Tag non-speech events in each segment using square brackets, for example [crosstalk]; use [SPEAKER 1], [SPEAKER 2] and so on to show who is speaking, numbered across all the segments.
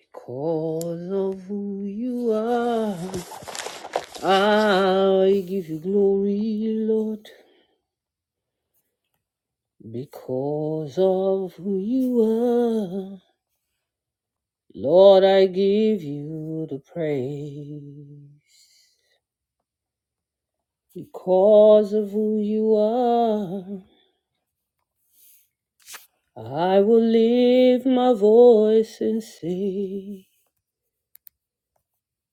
[SPEAKER 1] Because of who you are, I give you glory, Lord. Because of who you are, Lord, I give you the praise. Because of who you are, I will lift my voice and say,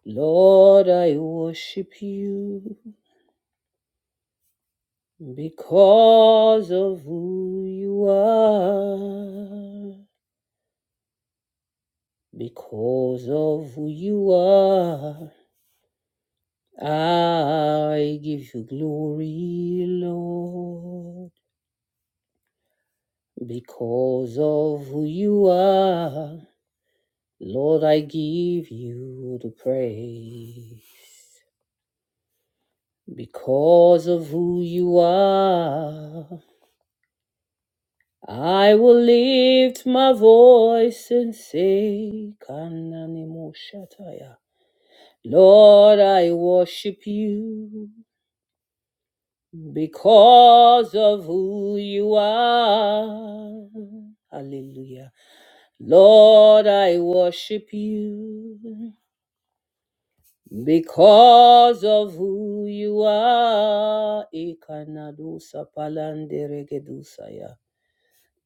[SPEAKER 1] Lord, I worship you because of who you are. Because of who you are, I give you glory, Lord. Because of who you are, Lord, I give you the praise. Because of who you are, I will lift my voice and say, Kanani Moshataya. Lord, I worship you because of who you are. Hallelujah. Lord, I worship you because of who you are. Ikanadusa palanderegedusaya.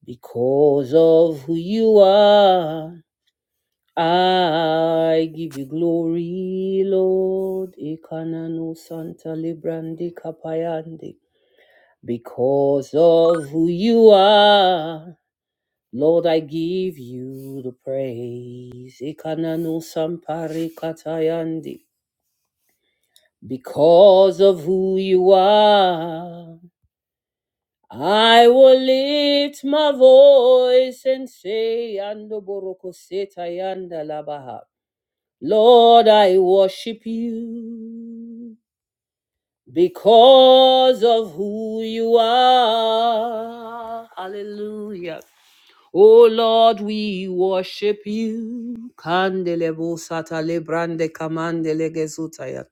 [SPEAKER 1] Because of who you are, I give you glory, Lord. Ikananu santa librandi Because of who you are, Lord, I give you the praise. Ikananu sampari katayandi. Because of who you are, I will lift my voice and say, Ando boroko setayanda labaha. Lord, I worship you because of who you are. Hallelujah. Oh Lord, we worship you. Kandelebo satale brande kamandele gezutaya.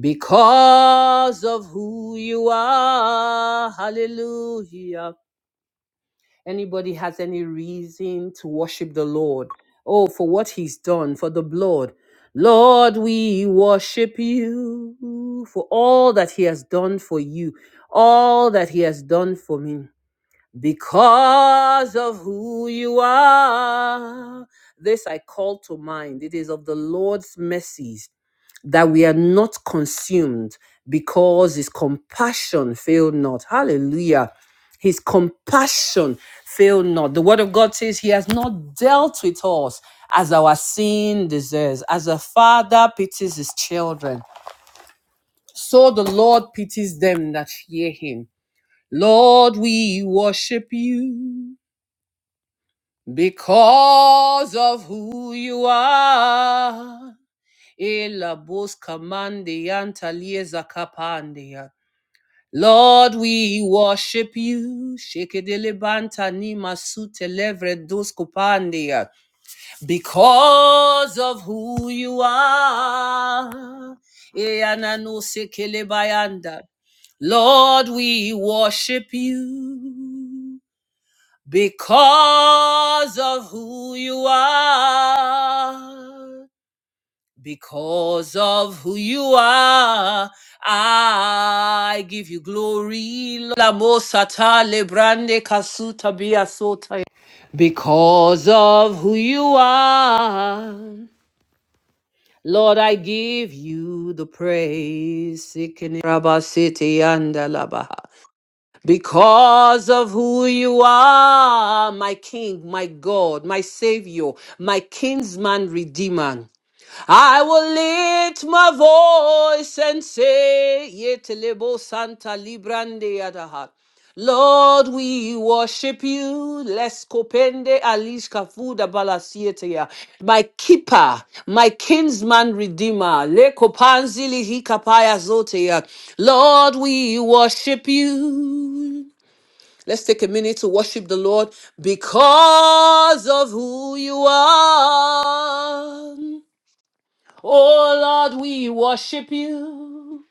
[SPEAKER 1] Because of who you are. Hallelujah. Anybody has any reason to worship the Lord? Oh, for what he's done, for the blood. Lord, we worship you for all that he has done for you, all that he has done for me because of who you are. This I call to mind. It is of the Lord's mercies that we are not consumed because his compassion fail not. Hallelujah. His compassion fail not. The word of God says he has not dealt with us as our sin deserves. As a father pities his children, so the Lord pities them that fear him. Lord, we worship you because of who you are. Ela busca mande yanta lieza kapandia. Lord, we worship you. Shekedele banta ni masute levre dus kupandia. Because of who you are. Eana no sekele bayanda. Lord, we worship you because of who you are. Because of who you are, I give you glory. La mosata lebrande kasuta biasota. Because of who you are. Lord, I give you the praise. Sikini Rabba City because of who you are, my King, my God, my Savior, my kinsman redeemer. I will lift my voice and say, Yetelebo Santa Librande Adaha. Lord, we worship you. Les copende alish kafuda balasietea. My keeper, my kinsman redeemer. Le kopanzili hikapaya zotea. Lord, we worship you. Let's take a minute to worship the Lord because of who you are. Oh Lord, we worship you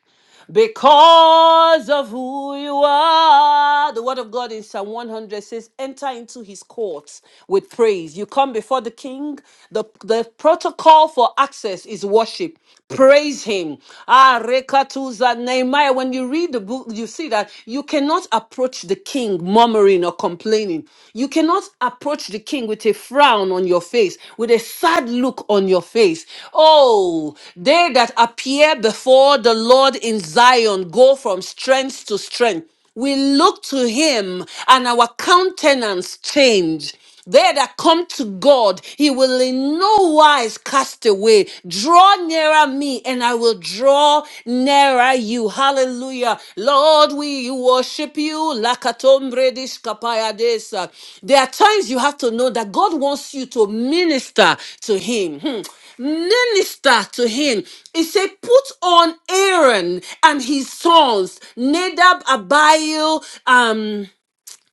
[SPEAKER 1] because of who you are. The word of God in Psalm 100 says, Enter into his courts with praise. You come before the king. The, the protocol for access is worship. Praise him. Ah, Rekatuza Nehemiah. When you read the book, you see that you cannot approach the king murmuring or complaining. You cannot just approach the king with a frown on your face, with a sad look on your face. Oh, they that appear before the Lord in Zion go from strength to strength. We look to him and our countenance change. They that come to God, he will in no wise cast away. Draw nearer me, and I will draw nearer you. Hallelujah. Lord, we worship you. Lakatombre dishkapaya desa. There are times you have to know that God wants you to minister to him. Hmm. Minister to him. He said, Put on Aaron and his sons, Nadab, Abiel, um,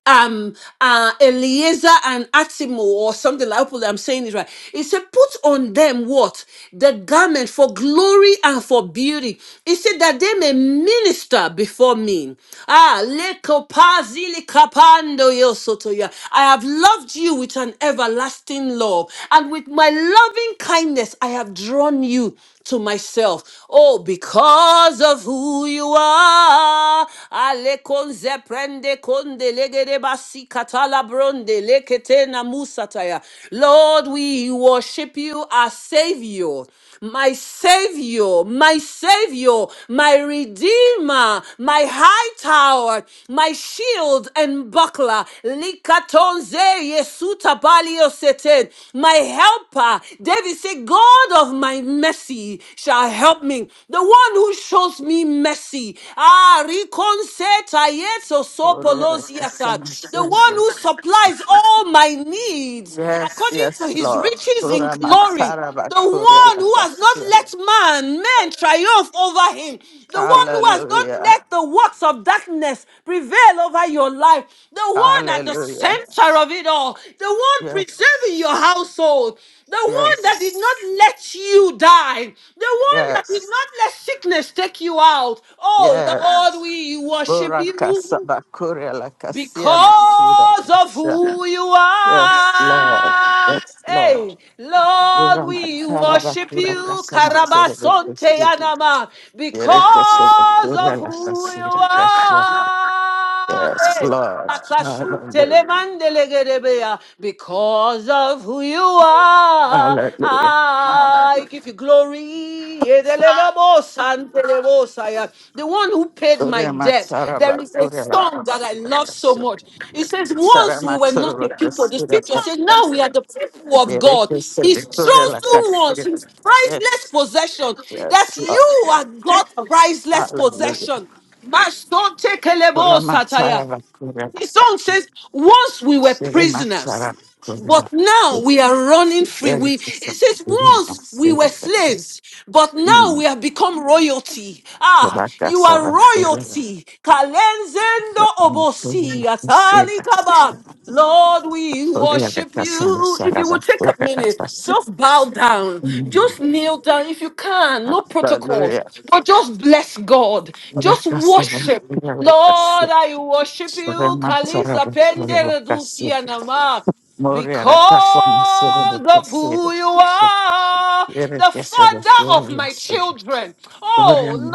[SPEAKER 1] um uh Eliezer and Atimo or something like hopefully I'm saying it right. It said, put on them what? The garment for glory and for beauty. It said that they may minister before me. Ah, lekopazili kapando yosotoya. I have loved you with an everlasting love, and with my loving kindness I have drawn you to myself. Oh, because of who you are. Ale konze prende konde legere basi katala bronde lekete na musataya. Lord, we worship you our Savior, my Savior, my Savior, my Redeemer, my high tower, my shield and buckler. Likatonze yesuta balio seten. My helper, David said, God of my mercy shall help me. The one who shows me mercy. Ah, rikonseta yeso sopolosiata. The one who supplies all my needs
[SPEAKER 2] Yes,
[SPEAKER 1] according to
[SPEAKER 2] yes,
[SPEAKER 1] his
[SPEAKER 2] Lord.
[SPEAKER 1] riches in
[SPEAKER 2] Ora matara
[SPEAKER 1] glory the
[SPEAKER 2] bakuri
[SPEAKER 1] one who has not
[SPEAKER 2] akasia.
[SPEAKER 1] let man, men triumph over him. The one who has not
[SPEAKER 2] Hallelujah.
[SPEAKER 1] let the works of darkness prevail over your life. The one at the
[SPEAKER 2] Hallelujah.
[SPEAKER 1] center of it all. The one preserving your
[SPEAKER 2] Yes.
[SPEAKER 1] household. The one that did not
[SPEAKER 2] Yes.
[SPEAKER 1] let you die. The one that did
[SPEAKER 2] Yes.
[SPEAKER 1] not let sickness take you out. Oh
[SPEAKER 2] Yes.
[SPEAKER 1] Lord, we worship
[SPEAKER 2] Ora kasa
[SPEAKER 1] you
[SPEAKER 2] bakuri alakasia masuda
[SPEAKER 1] because of
[SPEAKER 2] kasia.
[SPEAKER 1] who you
[SPEAKER 2] Yes, Lord.
[SPEAKER 1] are.
[SPEAKER 2] Yes,
[SPEAKER 1] Hey,
[SPEAKER 2] Lord.
[SPEAKER 1] Lord,
[SPEAKER 2] Ora
[SPEAKER 1] we
[SPEAKER 2] matara
[SPEAKER 1] worship
[SPEAKER 2] bakura
[SPEAKER 1] you,
[SPEAKER 2] kasa masuda
[SPEAKER 1] Karabasonte
[SPEAKER 2] kasia.
[SPEAKER 1] Anama,
[SPEAKER 2] Yerete sura
[SPEAKER 1] because
[SPEAKER 2] kuri
[SPEAKER 1] of who you
[SPEAKER 2] alakasia
[SPEAKER 1] are.
[SPEAKER 2] Yes,
[SPEAKER 1] Hey,
[SPEAKER 2] Lord. Hallelujah.
[SPEAKER 1] Akasutelemandelegedebea. Because of who you are,
[SPEAKER 2] Hallelujah.
[SPEAKER 1] I give you glory. Edelenobosanteleosaya. The one who paid my
[SPEAKER 2] Urema
[SPEAKER 1] debt. There
[SPEAKER 2] taraba,
[SPEAKER 1] is a
[SPEAKER 2] urema
[SPEAKER 1] song that I
[SPEAKER 2] kasida
[SPEAKER 1] love so
[SPEAKER 2] kasida.
[SPEAKER 1] much. It says, Once we
[SPEAKER 2] Sarama
[SPEAKER 1] were not
[SPEAKER 2] taraba
[SPEAKER 1] a people. The
[SPEAKER 2] kasida
[SPEAKER 1] scripture says, Now
[SPEAKER 2] kasida.
[SPEAKER 1] we are the people of God. His chosen ones, his priceless
[SPEAKER 2] Yes,
[SPEAKER 1] possession. That
[SPEAKER 2] yes, Lord.
[SPEAKER 1] you are God's priceless
[SPEAKER 2] Hallelujah.
[SPEAKER 1] possession.
[SPEAKER 2] Urema
[SPEAKER 1] Masotekelebosataya.
[SPEAKER 2] taraba, urela
[SPEAKER 1] The song
[SPEAKER 2] kasida.
[SPEAKER 1] says, Once we were
[SPEAKER 2] Urema
[SPEAKER 1] prisoners,
[SPEAKER 2] taraba,
[SPEAKER 1] but
[SPEAKER 2] urela
[SPEAKER 1] now
[SPEAKER 2] kasida.
[SPEAKER 1] we are running free.
[SPEAKER 2] Yere
[SPEAKER 1] We it
[SPEAKER 2] kasida,
[SPEAKER 1] says
[SPEAKER 2] urela
[SPEAKER 1] once we
[SPEAKER 2] kasida
[SPEAKER 1] were slaves, but now
[SPEAKER 2] Mm,
[SPEAKER 1] we have become royalty. Ah,
[SPEAKER 2] urela
[SPEAKER 1] you are
[SPEAKER 2] kasida, urela
[SPEAKER 1] royalty. Kalenzendo obosi atali kaba. Lord, we
[SPEAKER 2] Gloria a
[SPEAKER 1] worship
[SPEAKER 2] Dios,
[SPEAKER 1] you. If you would take a minute, just bow down. Just kneel down if you can. No protocols, but just bless God. Just worship. Lord, I worship you. Kaliza pende reducia because of who you are, the father of my children. Oh Lord,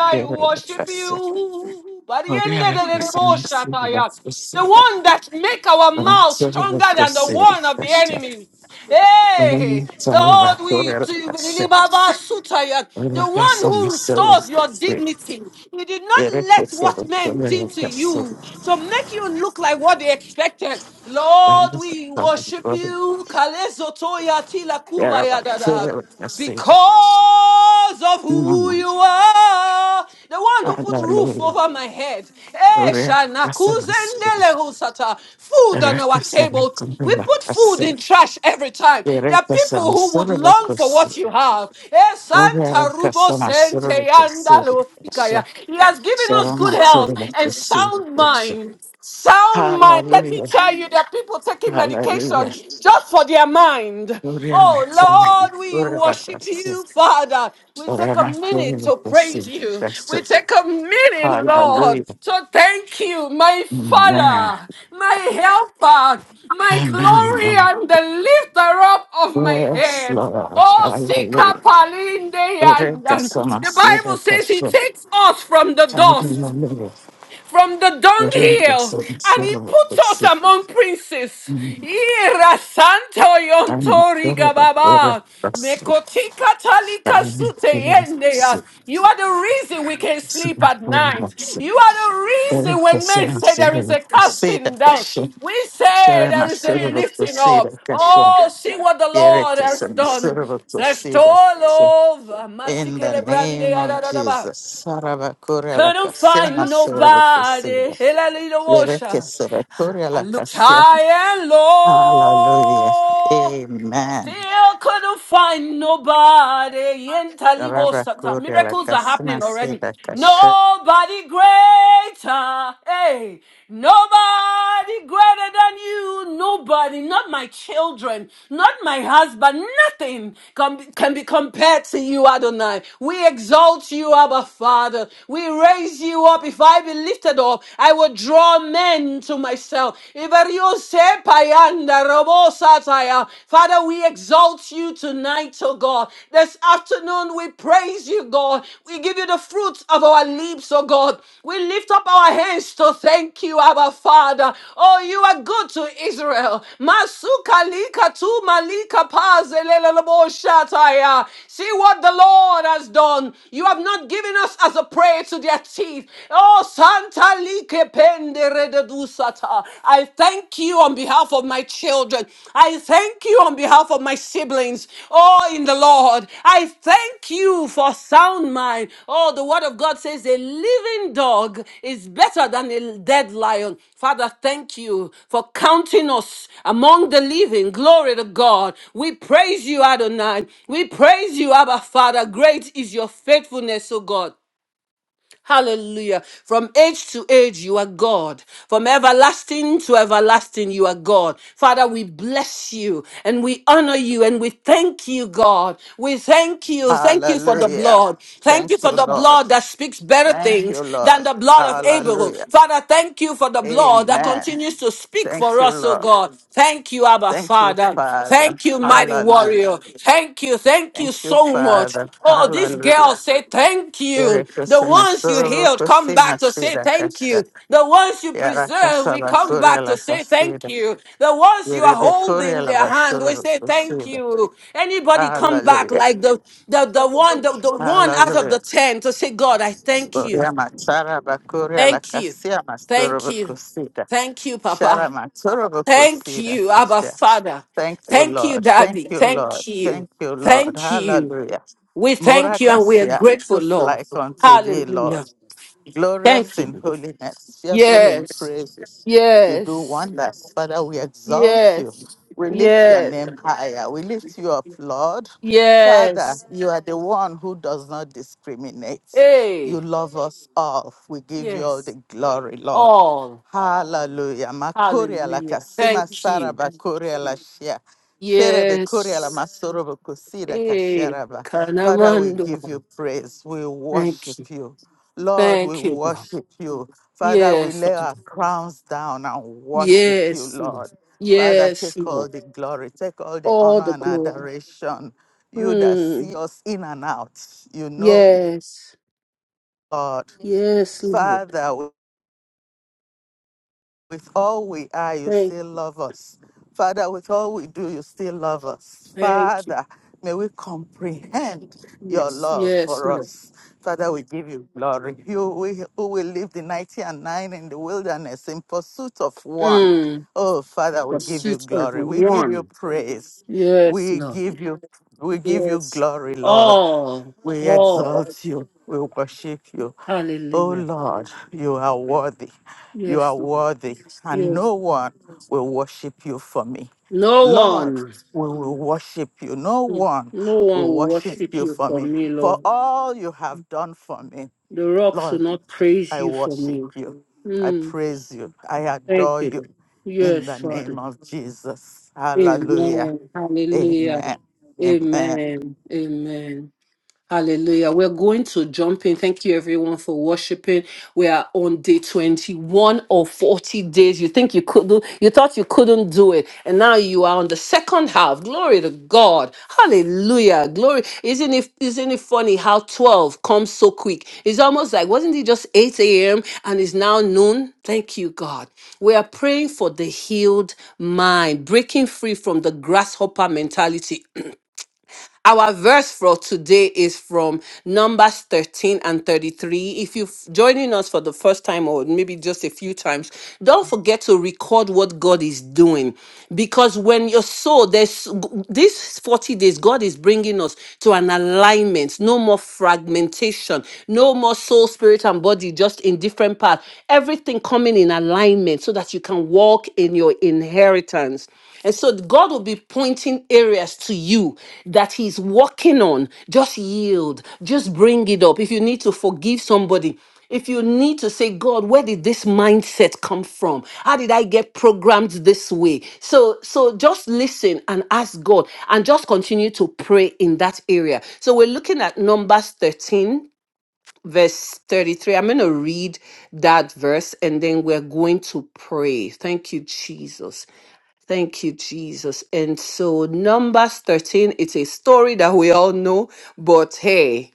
[SPEAKER 1] I worship you. By the end of the day, oh, Shataya, the one that make our mouth stronger than the one of the enemy. Hey, Lord, we to you, Baba Sutaya, the one who restores your dignity. You did
[SPEAKER 2] Hallelujah, hallelujah. Gloria a Dios,
[SPEAKER 1] not let what men did to you to make you look like what they expected. Lord,
[SPEAKER 2] gloria
[SPEAKER 1] we worship you. Kalezo Toya Tila
[SPEAKER 2] a
[SPEAKER 1] Kubaya
[SPEAKER 2] Dios,
[SPEAKER 1] Dada because of who
[SPEAKER 2] gloria
[SPEAKER 1] you are. The one
[SPEAKER 2] a
[SPEAKER 1] who put
[SPEAKER 2] Dios,
[SPEAKER 1] roof over my head. Eh, Shana, kuzendele husata. Food on our table. We put food in trash every time. There are people who would long for what you have. Eh, Santa Rubo Sente Yandalo Sikaya. He has given us good health and sound mind. Sound mind. Let me tell you that people taking medication just for their mind. Oh Lord, we worship you, Father. We take a minute
[SPEAKER 2] gloria
[SPEAKER 1] to
[SPEAKER 2] a
[SPEAKER 1] praise you. We
[SPEAKER 2] Dios,
[SPEAKER 1] take a minute, Lord,
[SPEAKER 2] Hallelujah.
[SPEAKER 1] to thank you, my
[SPEAKER 2] Amen.
[SPEAKER 1] Father, my helper, my glory,
[SPEAKER 2] Amen.
[SPEAKER 1] and the lifter up of my
[SPEAKER 2] Lord. Yes,
[SPEAKER 1] head.
[SPEAKER 2] Lord.
[SPEAKER 1] Oh, Sika
[SPEAKER 2] Hallelujah.
[SPEAKER 1] Palinde, and
[SPEAKER 2] Eureka
[SPEAKER 1] and
[SPEAKER 2] sama
[SPEAKER 1] the
[SPEAKER 2] sira
[SPEAKER 1] Bible says he
[SPEAKER 2] kaso.
[SPEAKER 1] takes us from the dust
[SPEAKER 2] Hallelujah.
[SPEAKER 1] from the
[SPEAKER 2] Eureka
[SPEAKER 1] dunghill,
[SPEAKER 2] sama
[SPEAKER 1] and he
[SPEAKER 2] sira
[SPEAKER 1] puts us
[SPEAKER 2] kasi.
[SPEAKER 1] among princes. Ira santo
[SPEAKER 2] Tama
[SPEAKER 1] yontori
[SPEAKER 2] eureka eureka
[SPEAKER 1] gababa.
[SPEAKER 2] kasi.
[SPEAKER 1] Mekotika talika
[SPEAKER 2] Tama
[SPEAKER 1] sute
[SPEAKER 2] eureka kasi.
[SPEAKER 1] yendea. You are the reason we can sleep
[SPEAKER 2] Sira
[SPEAKER 1] at
[SPEAKER 2] eureka
[SPEAKER 1] night.
[SPEAKER 2] kasi.
[SPEAKER 1] You are the reason
[SPEAKER 2] Eureka
[SPEAKER 1] when men
[SPEAKER 2] sama
[SPEAKER 1] say there
[SPEAKER 2] sira
[SPEAKER 1] is a
[SPEAKER 2] sira
[SPEAKER 1] casting down.
[SPEAKER 2] kasi.
[SPEAKER 1] We say
[SPEAKER 2] Sira ma
[SPEAKER 1] there is a
[SPEAKER 2] sira kasi
[SPEAKER 1] lifting up.
[SPEAKER 2] sira kasi.
[SPEAKER 1] Oh, see what the Lord
[SPEAKER 2] Eureka
[SPEAKER 1] has
[SPEAKER 2] sama
[SPEAKER 1] done.
[SPEAKER 2] sira kasi.
[SPEAKER 1] Zestolo,
[SPEAKER 2] In the
[SPEAKER 1] masikele
[SPEAKER 2] name of
[SPEAKER 1] brande,
[SPEAKER 2] Jesus. Saraba Korea la
[SPEAKER 1] couldn't
[SPEAKER 2] Kasia
[SPEAKER 1] find
[SPEAKER 2] Masoro
[SPEAKER 1] nobody.
[SPEAKER 2] Kusida. Yereke
[SPEAKER 1] Hallelujah.
[SPEAKER 2] Sere
[SPEAKER 1] I
[SPEAKER 2] la
[SPEAKER 1] looked
[SPEAKER 2] Kasia.
[SPEAKER 1] high and
[SPEAKER 2] Hallelujah.
[SPEAKER 1] low.
[SPEAKER 2] Amen.
[SPEAKER 1] Still couldn't find nobody in Talibo
[SPEAKER 2] Saraba
[SPEAKER 1] Sata.
[SPEAKER 2] Korea la
[SPEAKER 1] Miracles are
[SPEAKER 2] Kasima
[SPEAKER 1] happening already.
[SPEAKER 2] Seda Kashe.
[SPEAKER 1] Nobody greater. Hey, nobody greater than you. Nobody, not my children, not my husband, nothing can, can be compared to you, Adonai. We exalt you, Abba Father. We raise you up. If I be lifted up, I will draw men to myself. Sepayanda robo sataya. Father, we exalt you tonight, oh God. This afternoon, we praise you, God. We give you the fruits of our lips, oh God. We lift up our hands to thank you, our Father. Oh, you are good to Israel. Masuka lika tu malika pazelele lobo See what the Lord has done. You have not given us as a prey to their teeth. Oh, Santa I thank you on behalf of my children. I thank you on behalf of my siblings. Oh, in the Lord. I thank you for sound mind. Oh, the word of God says a living dog is better than a dead lion. Father, thank you for counting us among the living. Glory to God. We praise you, Adonai. We praise you, Abba Father. Great is your faithfulness, O God. Hallelujah. From age to age, you are God. From everlasting to everlasting, you are God. Father, we bless you and we honor you and we thank you, God. We thank you. Thank you for the
[SPEAKER 2] Hallelujah.
[SPEAKER 1] blood. Thank you
[SPEAKER 2] Thank
[SPEAKER 1] for
[SPEAKER 2] you,
[SPEAKER 1] the
[SPEAKER 2] Lord.
[SPEAKER 1] blood that speaks better
[SPEAKER 2] Thank you,
[SPEAKER 1] things than
[SPEAKER 2] Lord.
[SPEAKER 1] the blood of Abel.
[SPEAKER 2] Hallelujah.
[SPEAKER 1] Father, thank you for the blood that
[SPEAKER 2] Amen.
[SPEAKER 1] continues to speak
[SPEAKER 2] Thank
[SPEAKER 1] for
[SPEAKER 2] you,
[SPEAKER 1] us, oh
[SPEAKER 2] Lord.
[SPEAKER 1] God. Thank you, Abba
[SPEAKER 2] Thank you,
[SPEAKER 1] Father.
[SPEAKER 2] Father.
[SPEAKER 1] Thank you, mighty
[SPEAKER 2] Hallelujah.
[SPEAKER 1] warrior. Thank you. Thank you
[SPEAKER 2] Thank you,
[SPEAKER 1] so much.
[SPEAKER 2] Father.
[SPEAKER 1] Oh, this
[SPEAKER 2] Hallelujah.
[SPEAKER 1] girl say thank
[SPEAKER 2] Yere
[SPEAKER 1] you. The
[SPEAKER 2] kusema
[SPEAKER 1] ones you
[SPEAKER 2] soro
[SPEAKER 1] healed come
[SPEAKER 2] kusema
[SPEAKER 1] back to say
[SPEAKER 2] sira
[SPEAKER 1] thank
[SPEAKER 2] kasha.
[SPEAKER 1] you. The ones you
[SPEAKER 2] Yara
[SPEAKER 1] preserve, we
[SPEAKER 2] kasara
[SPEAKER 1] come
[SPEAKER 2] kuria
[SPEAKER 1] back
[SPEAKER 2] la
[SPEAKER 1] to say thank
[SPEAKER 2] kasida.
[SPEAKER 1] you. The ones you are
[SPEAKER 2] Yerebe kuria
[SPEAKER 1] holding
[SPEAKER 2] la
[SPEAKER 1] their hand, we
[SPEAKER 2] basoro
[SPEAKER 1] say thank
[SPEAKER 2] kusida.
[SPEAKER 1] you. Anybody come back
[SPEAKER 2] Hallelujah.
[SPEAKER 1] like the the, the one the, the one out of
[SPEAKER 2] Hallelujah.
[SPEAKER 1] the ten to say, God, I thank you.
[SPEAKER 2] Kuria matara bakuria la
[SPEAKER 1] Thank you.
[SPEAKER 2] kasia
[SPEAKER 1] Thank
[SPEAKER 2] masoro
[SPEAKER 1] you.
[SPEAKER 2] kusida.
[SPEAKER 1] Thank you,
[SPEAKER 2] Shara
[SPEAKER 1] Papa.
[SPEAKER 2] masoro
[SPEAKER 1] Thank
[SPEAKER 2] kusida
[SPEAKER 1] you, Abba
[SPEAKER 2] kasha.
[SPEAKER 1] Father.
[SPEAKER 2] Thank you,
[SPEAKER 1] Thank you,
[SPEAKER 2] Lord. Thank
[SPEAKER 1] Daddy.
[SPEAKER 2] you, Lord.
[SPEAKER 1] Thank you.
[SPEAKER 2] Thank you, Lord.
[SPEAKER 1] Thank you.
[SPEAKER 2] Hallelujah.
[SPEAKER 1] We
[SPEAKER 2] Mora
[SPEAKER 1] thank you and we are
[SPEAKER 2] kasia,
[SPEAKER 1] grateful,
[SPEAKER 2] who's
[SPEAKER 1] Lord.
[SPEAKER 2] like unto thee, Lord?
[SPEAKER 1] Hallelujah.
[SPEAKER 2] glorious
[SPEAKER 1] Thank
[SPEAKER 2] in
[SPEAKER 1] you.
[SPEAKER 2] holiness, fearful in
[SPEAKER 1] Yes.
[SPEAKER 2] praises. You do
[SPEAKER 1] Yes.
[SPEAKER 2] wonders. Father, we exalt you.
[SPEAKER 1] Yes.
[SPEAKER 2] We lift your
[SPEAKER 1] Yes.
[SPEAKER 2] name higher. We lift you up, Lord. Father,
[SPEAKER 1] Yes.
[SPEAKER 2] you are the one who does not discriminate. You
[SPEAKER 1] Hey.
[SPEAKER 2] love us all. We give you all the
[SPEAKER 1] Yes.
[SPEAKER 2] glory, Lord.
[SPEAKER 1] All.
[SPEAKER 2] Hallelujah. Makoria la
[SPEAKER 1] Hallelujah.
[SPEAKER 2] kasima
[SPEAKER 1] Thank
[SPEAKER 2] sara
[SPEAKER 1] you.
[SPEAKER 2] bakoria la shia. Sherebe Koreala
[SPEAKER 1] Yes.
[SPEAKER 2] Masorobo Kusira
[SPEAKER 1] Hey.
[SPEAKER 2] Kasharaba. Father, we
[SPEAKER 1] Kanamando.
[SPEAKER 2] give you praise. We worship
[SPEAKER 1] Thank you.
[SPEAKER 2] you. Lord, we
[SPEAKER 1] Thank you, Lord.
[SPEAKER 2] worship you. Father, we
[SPEAKER 1] Yes.
[SPEAKER 2] lay our
[SPEAKER 1] Father.
[SPEAKER 2] crowns down and worship you,
[SPEAKER 1] Yes, Lord.
[SPEAKER 2] Lord. Father,
[SPEAKER 1] Yes,
[SPEAKER 2] take all
[SPEAKER 1] Lord.
[SPEAKER 2] the glory, take all the
[SPEAKER 1] All
[SPEAKER 2] honor
[SPEAKER 1] the
[SPEAKER 2] and
[SPEAKER 1] glory.
[SPEAKER 2] adoration. You that
[SPEAKER 1] Hmm.
[SPEAKER 2] see us in and out, you know,
[SPEAKER 1] Yes.
[SPEAKER 2] Lord.
[SPEAKER 1] Yes, Lord.
[SPEAKER 2] Father, With all we are, you
[SPEAKER 1] Thank,
[SPEAKER 2] still love us. Father, with all we do, you still love us.
[SPEAKER 1] thank you.
[SPEAKER 2] Father, may we comprehend your
[SPEAKER 1] Yes,
[SPEAKER 2] love
[SPEAKER 1] yes,
[SPEAKER 2] for
[SPEAKER 1] Lord.
[SPEAKER 2] us. Father, we give you glory. You we- who will leave the 90 and 9 in the wilderness in pursuit of one.
[SPEAKER 1] Mm.
[SPEAKER 2] Oh, Father, we give you
[SPEAKER 1] Pursuit of
[SPEAKER 2] glory. We give you
[SPEAKER 1] one.
[SPEAKER 2] praise.
[SPEAKER 1] Yes,
[SPEAKER 2] We
[SPEAKER 1] Lord.
[SPEAKER 2] give you we give you
[SPEAKER 1] Yes.
[SPEAKER 2] glory, Lord.
[SPEAKER 1] All.
[SPEAKER 2] We
[SPEAKER 1] All.
[SPEAKER 2] exalt you. We worship you. Oh
[SPEAKER 1] Hallelujah.
[SPEAKER 2] Lord, you are worthy. You
[SPEAKER 1] Yes,
[SPEAKER 2] are
[SPEAKER 1] Lord.
[SPEAKER 2] worthy, and
[SPEAKER 1] Yes.
[SPEAKER 2] no one will worship you for me.
[SPEAKER 1] No
[SPEAKER 2] Lord,
[SPEAKER 1] one.
[SPEAKER 2] we will worship you. No
[SPEAKER 1] mm,
[SPEAKER 2] one
[SPEAKER 1] No one
[SPEAKER 2] will
[SPEAKER 1] will
[SPEAKER 2] worship
[SPEAKER 1] worship
[SPEAKER 2] you
[SPEAKER 1] you
[SPEAKER 2] for
[SPEAKER 1] for
[SPEAKER 2] me.
[SPEAKER 1] me,
[SPEAKER 2] For
[SPEAKER 1] Lord.
[SPEAKER 2] all you have done for me,
[SPEAKER 1] The rocks will
[SPEAKER 2] Lord,
[SPEAKER 1] not praise
[SPEAKER 2] I
[SPEAKER 1] you for
[SPEAKER 2] worship
[SPEAKER 1] me.
[SPEAKER 2] you. I
[SPEAKER 1] Mm.
[SPEAKER 2] praise you. I
[SPEAKER 1] Thank
[SPEAKER 2] adore
[SPEAKER 1] you,
[SPEAKER 2] you
[SPEAKER 1] Lord.
[SPEAKER 2] in
[SPEAKER 1] Yes,
[SPEAKER 2] the
[SPEAKER 1] Father.
[SPEAKER 2] name of Jesus. Hallelujah.
[SPEAKER 1] Amen. Hallelujah.
[SPEAKER 2] Amen. Amen.
[SPEAKER 1] Amen. Amen. Hallelujah. We're going to jump in. Thank you, everyone, for worshiping. We are on day 21 of 40 days. You think you could do, you thought you couldn't do it. And now you are on the second half. Glory to God. Hallelujah. Glory. Isn't it isn't it funny how 12 comes so quick? It's almost like, wasn't it just 8 a.m. and it's now noon? Thank you, God. We are praying for the healed mind, breaking free from the grasshopper mentality. Our verse for today is from Numbers 13 and 33. If you're joining us for the first time or maybe just a few times, don't forget to record what God is doing. Because when your soul, there's these 40 days, God is bringing us to an alignment, no more fragmentation, no more soul, spirit, and body just in different parts. Everything coming in alignment so that you can walk in your inheritance. And so God will be pointing areas to you that He's working on. Just yield, just bring it up. If you need to forgive somebody, if you need to say, God, where did this mindset come from? How did I get programmed this way? So, so just listen and ask God and just continue to pray in that area. So we're looking at Numbers 13, verse 33. I'm going to read that verse and then we're going to pray. Thank you, Jesus. Thank you, Jesus. And so, Numbers 13, it's a story that we all know, but hey,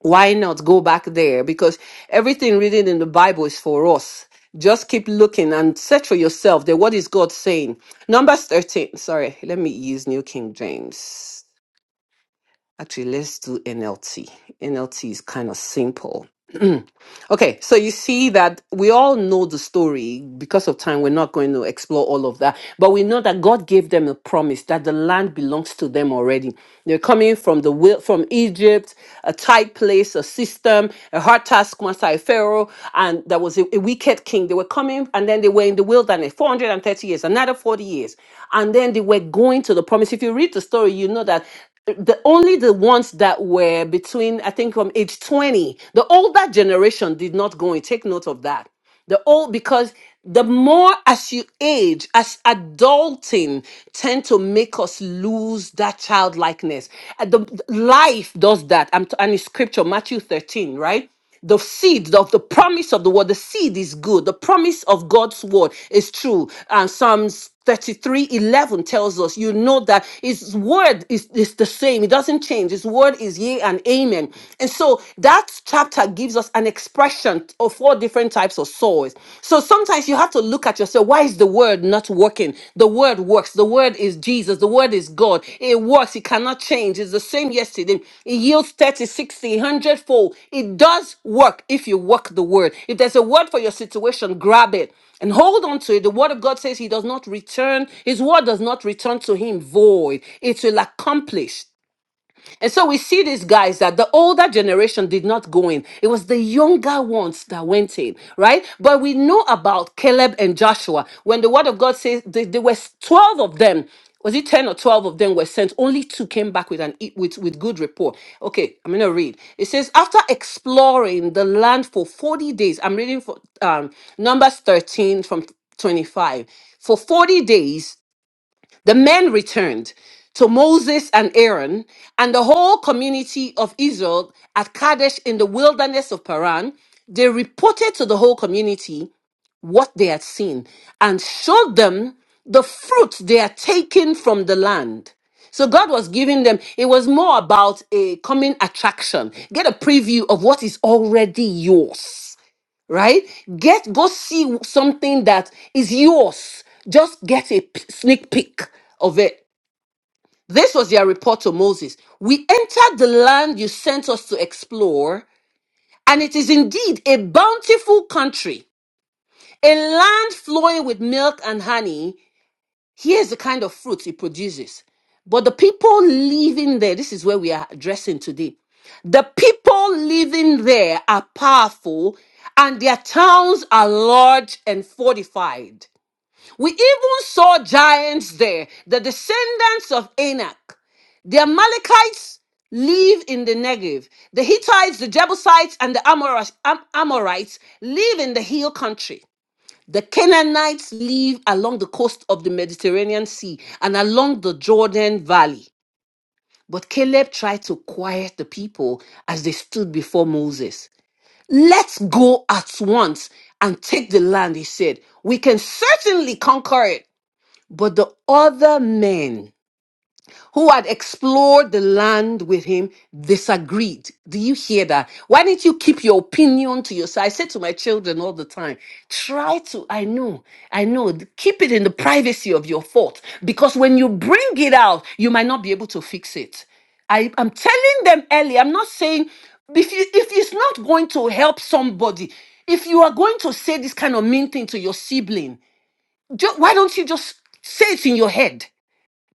[SPEAKER 1] why not go back there? Because everything written in the Bible is for us. Just keep looking and search for yourself that what is God saying. Numbers 13, sorry, let me use New King James. Actually, let's do NLT. NLT is kind of simple. [clears throat] okay, so you see that we all know the story. Because of time, we're not going to explore all of that. But we know that God gave them a promise that the land belongs to them already. They're coming from the wil- from Egypt, a tight place, a system, a hard taskmaster, a pharaoh, and there was a, a wicked king. They were coming, and then they were in the wilderness 430 years, another 40 years, and then they were going to the promise. If you read the story, you know that the only the ones that were between i think from age 20 the older generation did not go in take note of that the old because the more as you age as adulting tend to make us lose that childlikeness And the life does that i'm t- and it's scripture matthew 13 right the seed of the promise of the word the seed is good the promise of god's word is true and psalms 33:11 tells us you know that his word is, is the same it doesn't change his word is yea and amen and so that chapter gives us an expression of four different types of soils so sometimes you have to look at yourself why is the the word not working. The word works. The word is Jesus. The word is God. It works. It cannot change. It's the same yesterday. It yields 30, sixty, one hundred fold. It does work if you work the word. If there's a word for your situation, grab it and hold on to it. The word of God says he does not return, his word does not return to him void. It will accomplish. And so we see these guys that the older generation did not go in. It was the younger ones that went in, right? But we know about Caleb and Joshua. When the word of God says th- there were 12 of them, was it 10 or 12 of them were sent? Only two came back with an e- with, with good report. Okay, I'm gonna read. It says, after exploring the land for 40 days, I'm reading for um Numbers 13 from 25. For 40 days, the men returned to Moses and Aaron and the whole community of Israel at Kadesh in the wilderness of Paran. They reported to the whole community what they had seen and showed them the fruit they had taken from the land. So God was giving them, it was more about a coming attraction. Get a preview of what is already yours right? Get go see something that is yours. Just get a p- sneak peek of it. This was their report to Moses. We entered the land you sent us to explore, and it is indeed a bountiful country, a land flowing with milk and honey. Here's the kind of fruit it produces. But the people living there, this is where we are addressing today the people living there are powerful, and their towns are large and fortified. We even saw giants there, the descendants of Anak. The Amalekites live in the Negev. The Hittites, the Jebusites, and the Amorites, Am- Amorites live in the hill country. The Canaanites live along the coast of the Mediterranean Sea and along the Jordan Valley. But Caleb tried to quiet the people as they stood before Moses. Let's go at once and take the land, he said. We can certainly conquer it. But the other men who had explored the land with him disagreed. Do you hear that? Why didn't you keep your opinion to yourself? I say to my children all the time, try to, I know, I know, keep it in the privacy of your thought because when you bring it out, you might not be able to fix it. I, I'm telling them early, I'm not saying if you if it's not going to help somebody, if you are going to say this kind of mean thing to your sibling, ju- why don't you just say it in your head?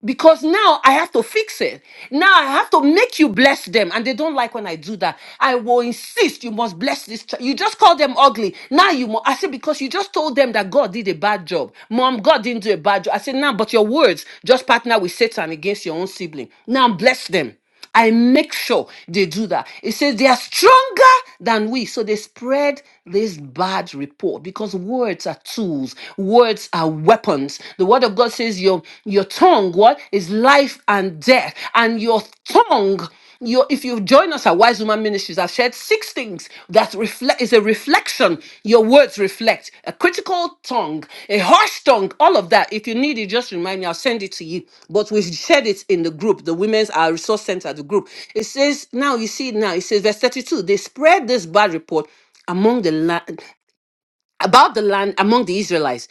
[SPEAKER 1] because now I have to fix it. Now I have to make you bless them, and they don't like when I do that. I will insist you must bless this. Child. You just call them ugly. Now you must. I said because you just told them that God did a bad job. Mom, God didn't do a bad job. I said now, but your words just partner with Satan against your own sibling. Now bless them. I make sure they do that. It says they are stronger than we. So they spread this bad report because words are tools, words are weapons. The word of God says your your tongue, what is life and death, and your tongue. Your, if you've joined us at Wise Woman Ministries, I've shared six things that reflect is a reflection. Your words reflect a critical tongue, a harsh tongue, all of that. If you need it, just remind me. I'll send it to you. But we've shared it in the group, the Women's Our Resource Center, the group. It says, now you see it now. It says, verse 32, they spread this bad report among the land, about the land among the Israelites.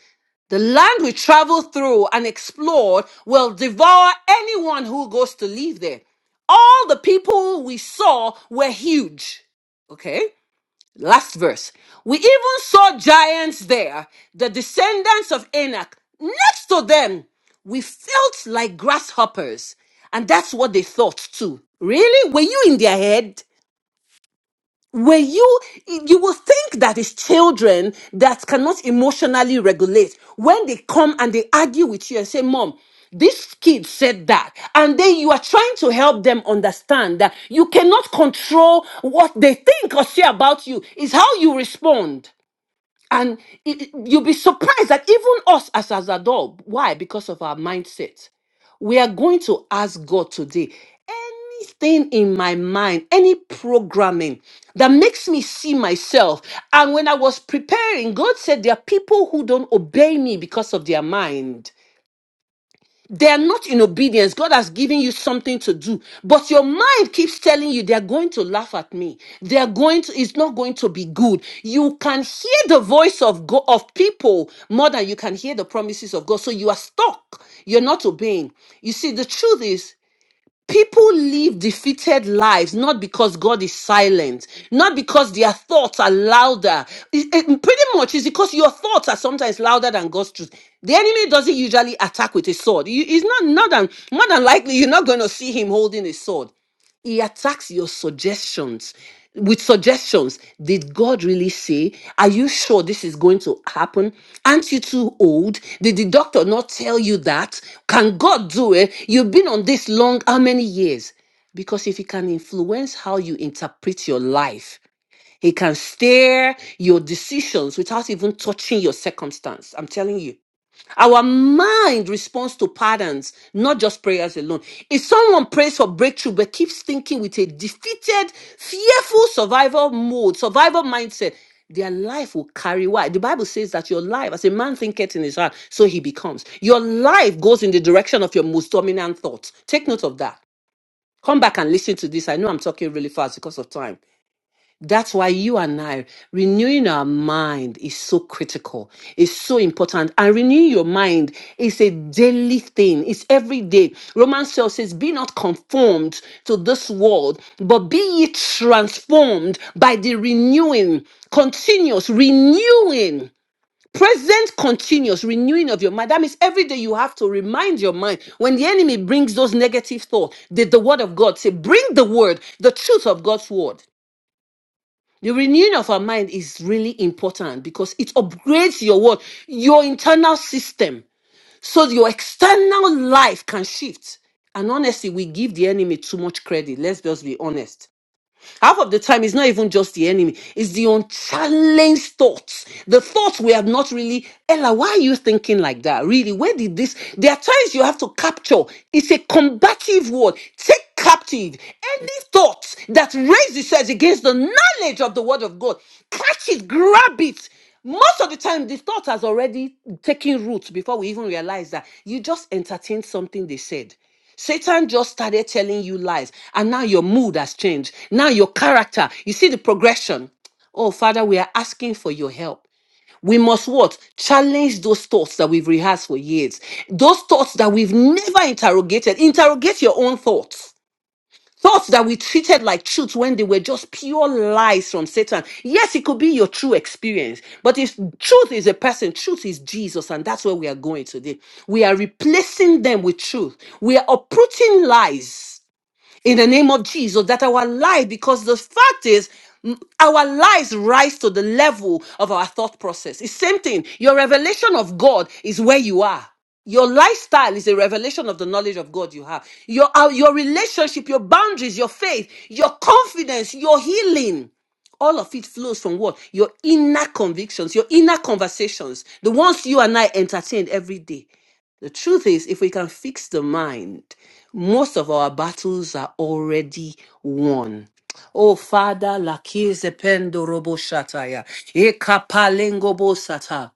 [SPEAKER 1] The land we travel through and explore will devour anyone who goes to live there. All the people we saw were huge. Okay? Last verse. We even saw giants there, the descendants of Enoch. Next to them, we felt like grasshoppers. And that's what they thought too. Really? Were you in their head? where you you will think that it's children that cannot emotionally regulate when they come and they argue with you and say mom this kid said that and then you are trying to help them understand that you cannot control what they think or say about you is how you respond and it, it- you'll be surprised that even us as, as adults, why? Because of our mindset. We are going to ask God today anything in my mind, any programming that makes me see myself. And when I was preparing, God said, There are people who don't obey me because of their mind. They are not in obedience. God has given you something to do, but your mind keeps telling you they are going to laugh at me. They are going to. It's not going to be good. You can hear the voice of God, of people more than you can hear the promises of God. So you are stuck. You're not obeying. You see, the truth is People live defeated lives not because God is silent, not because their thoughts are louder. It- it- pretty much, it's because your thoughts are sometimes louder than God's truth. The enemy doesn't usually attack with a sword. You, he's not not than, more than likely you're not going to see him holding a sword he attacks your suggestions with suggestions did god really say are you sure this is going to happen aren't you too old did the doctor not tell you that can god do it you've been on this long how many years because if he can influence how you interpret your life he can steer your decisions without even touching your circumstance i'm telling you our mind responds to patterns, not just prayers alone. If someone prays for breakthrough but keeps thinking with a defeated, fearful survival mode, survival mindset, their life will carry why? The Bible says that your life, as a man thinketh in his heart, so he becomes. Your life goes in the direction of your most dominant thoughts. Take note of that. Come back and listen to this. I know I'm talking really fast because of time. That's why you and I, renewing our mind is so critical. It's so important. And renewing your mind is a daily thing. It's every day. Romans 12 says, Be not conformed to this world, but be ye transformed by the renewing, continuous renewing present continuous renewing of your mind that means every day you have to remind your mind when the enemy brings those negative thoughts did the word of god say bring the word the truth of god's word the renewing of our mind is really important because it upgrades your world, your internal system, so your external life can shift. And honestly, we give the enemy too much credit. Let's just be honest Half of the time, it's not even just the enemy, it's the unchallenged thoughts. The thoughts we have not really, Ella, why are you thinking like that? Really, where did this? There are times you have to capture. It's a combative word. Take captive any thought that raises itself against the knowledge of the word of God. Catch it, grab it. Most of the time, the thought has already taken root before we even realize that you just entertained something they said. Satan just started telling you lies, and now your mood has changed. Now your character, you see the progression. Oh, Father, we are asking for your help. We must what? Challenge those thoughts that we've rehearsed for years. Those thoughts that we've never interrogated. Interrogate your own thoughts Thoughts that we treated like truth when they were just pure lies from Satan. Yes, it could be your true experience, but if truth is a person, truth is Jesus, and that's where we are going today. We are replacing them with truth. We are uprooting lies in the name of Jesus that our life, because the fact is, m- our lives rise to the level of our thought process. It's same thing. Your revelation of God is where you are. Your lifestyle is a revelation of the knowledge of God you have. Your, uh, your relationship, your boundaries, your faith, your confidence, your healing. All of it flows from what? Your inner convictions, your inner conversations, the ones you and I entertain every day. The truth is, if we can fix the mind, most of our battles are already won. Oh, Father, lakizependo robo shataya, ekapalengo bo sata.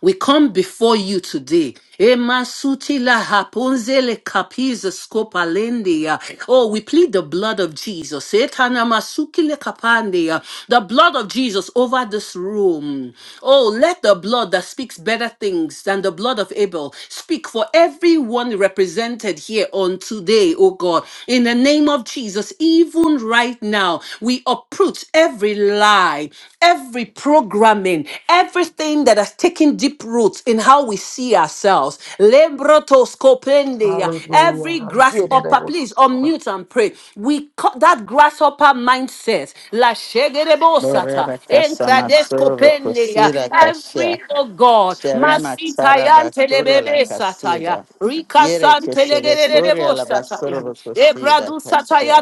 [SPEAKER 1] We come before you today. Emasutila haponzele kapiza skopalendia. Oh, we plead the blood of Jesus. Etanamasukile kapandia. The blood of Jesus over this room. Oh, let the blood that speaks better things than the blood of Abel speak for everyone represented here on today, oh God. In the name of Jesus, even right now, we uproot every lie, every programming, everything that has taken taking deep roots in how we see ourselves. Lebrotoscopendia.
[SPEAKER 3] Hallelujah.
[SPEAKER 1] Every
[SPEAKER 3] Hallelujah. That I
[SPEAKER 1] grasshopper,
[SPEAKER 3] was
[SPEAKER 1] please
[SPEAKER 3] so good.
[SPEAKER 1] unmute and pray. We cut that grasshopper mindset. La
[SPEAKER 2] Lord. I
[SPEAKER 1] shegerebosata.
[SPEAKER 2] thank you for my service, for
[SPEAKER 1] Enkradescopendia.
[SPEAKER 2] Sarah Kashia.
[SPEAKER 1] Every, oh God,
[SPEAKER 2] Sherema Taraba Korea la
[SPEAKER 1] masitayantelebebe sataya.
[SPEAKER 2] Casida.
[SPEAKER 1] Rika
[SPEAKER 2] Yere Keseve Korea
[SPEAKER 1] santelegebo
[SPEAKER 2] la Basura
[SPEAKER 1] sataya.
[SPEAKER 2] Cosida
[SPEAKER 1] Ebradu
[SPEAKER 2] Cassia.
[SPEAKER 1] sataya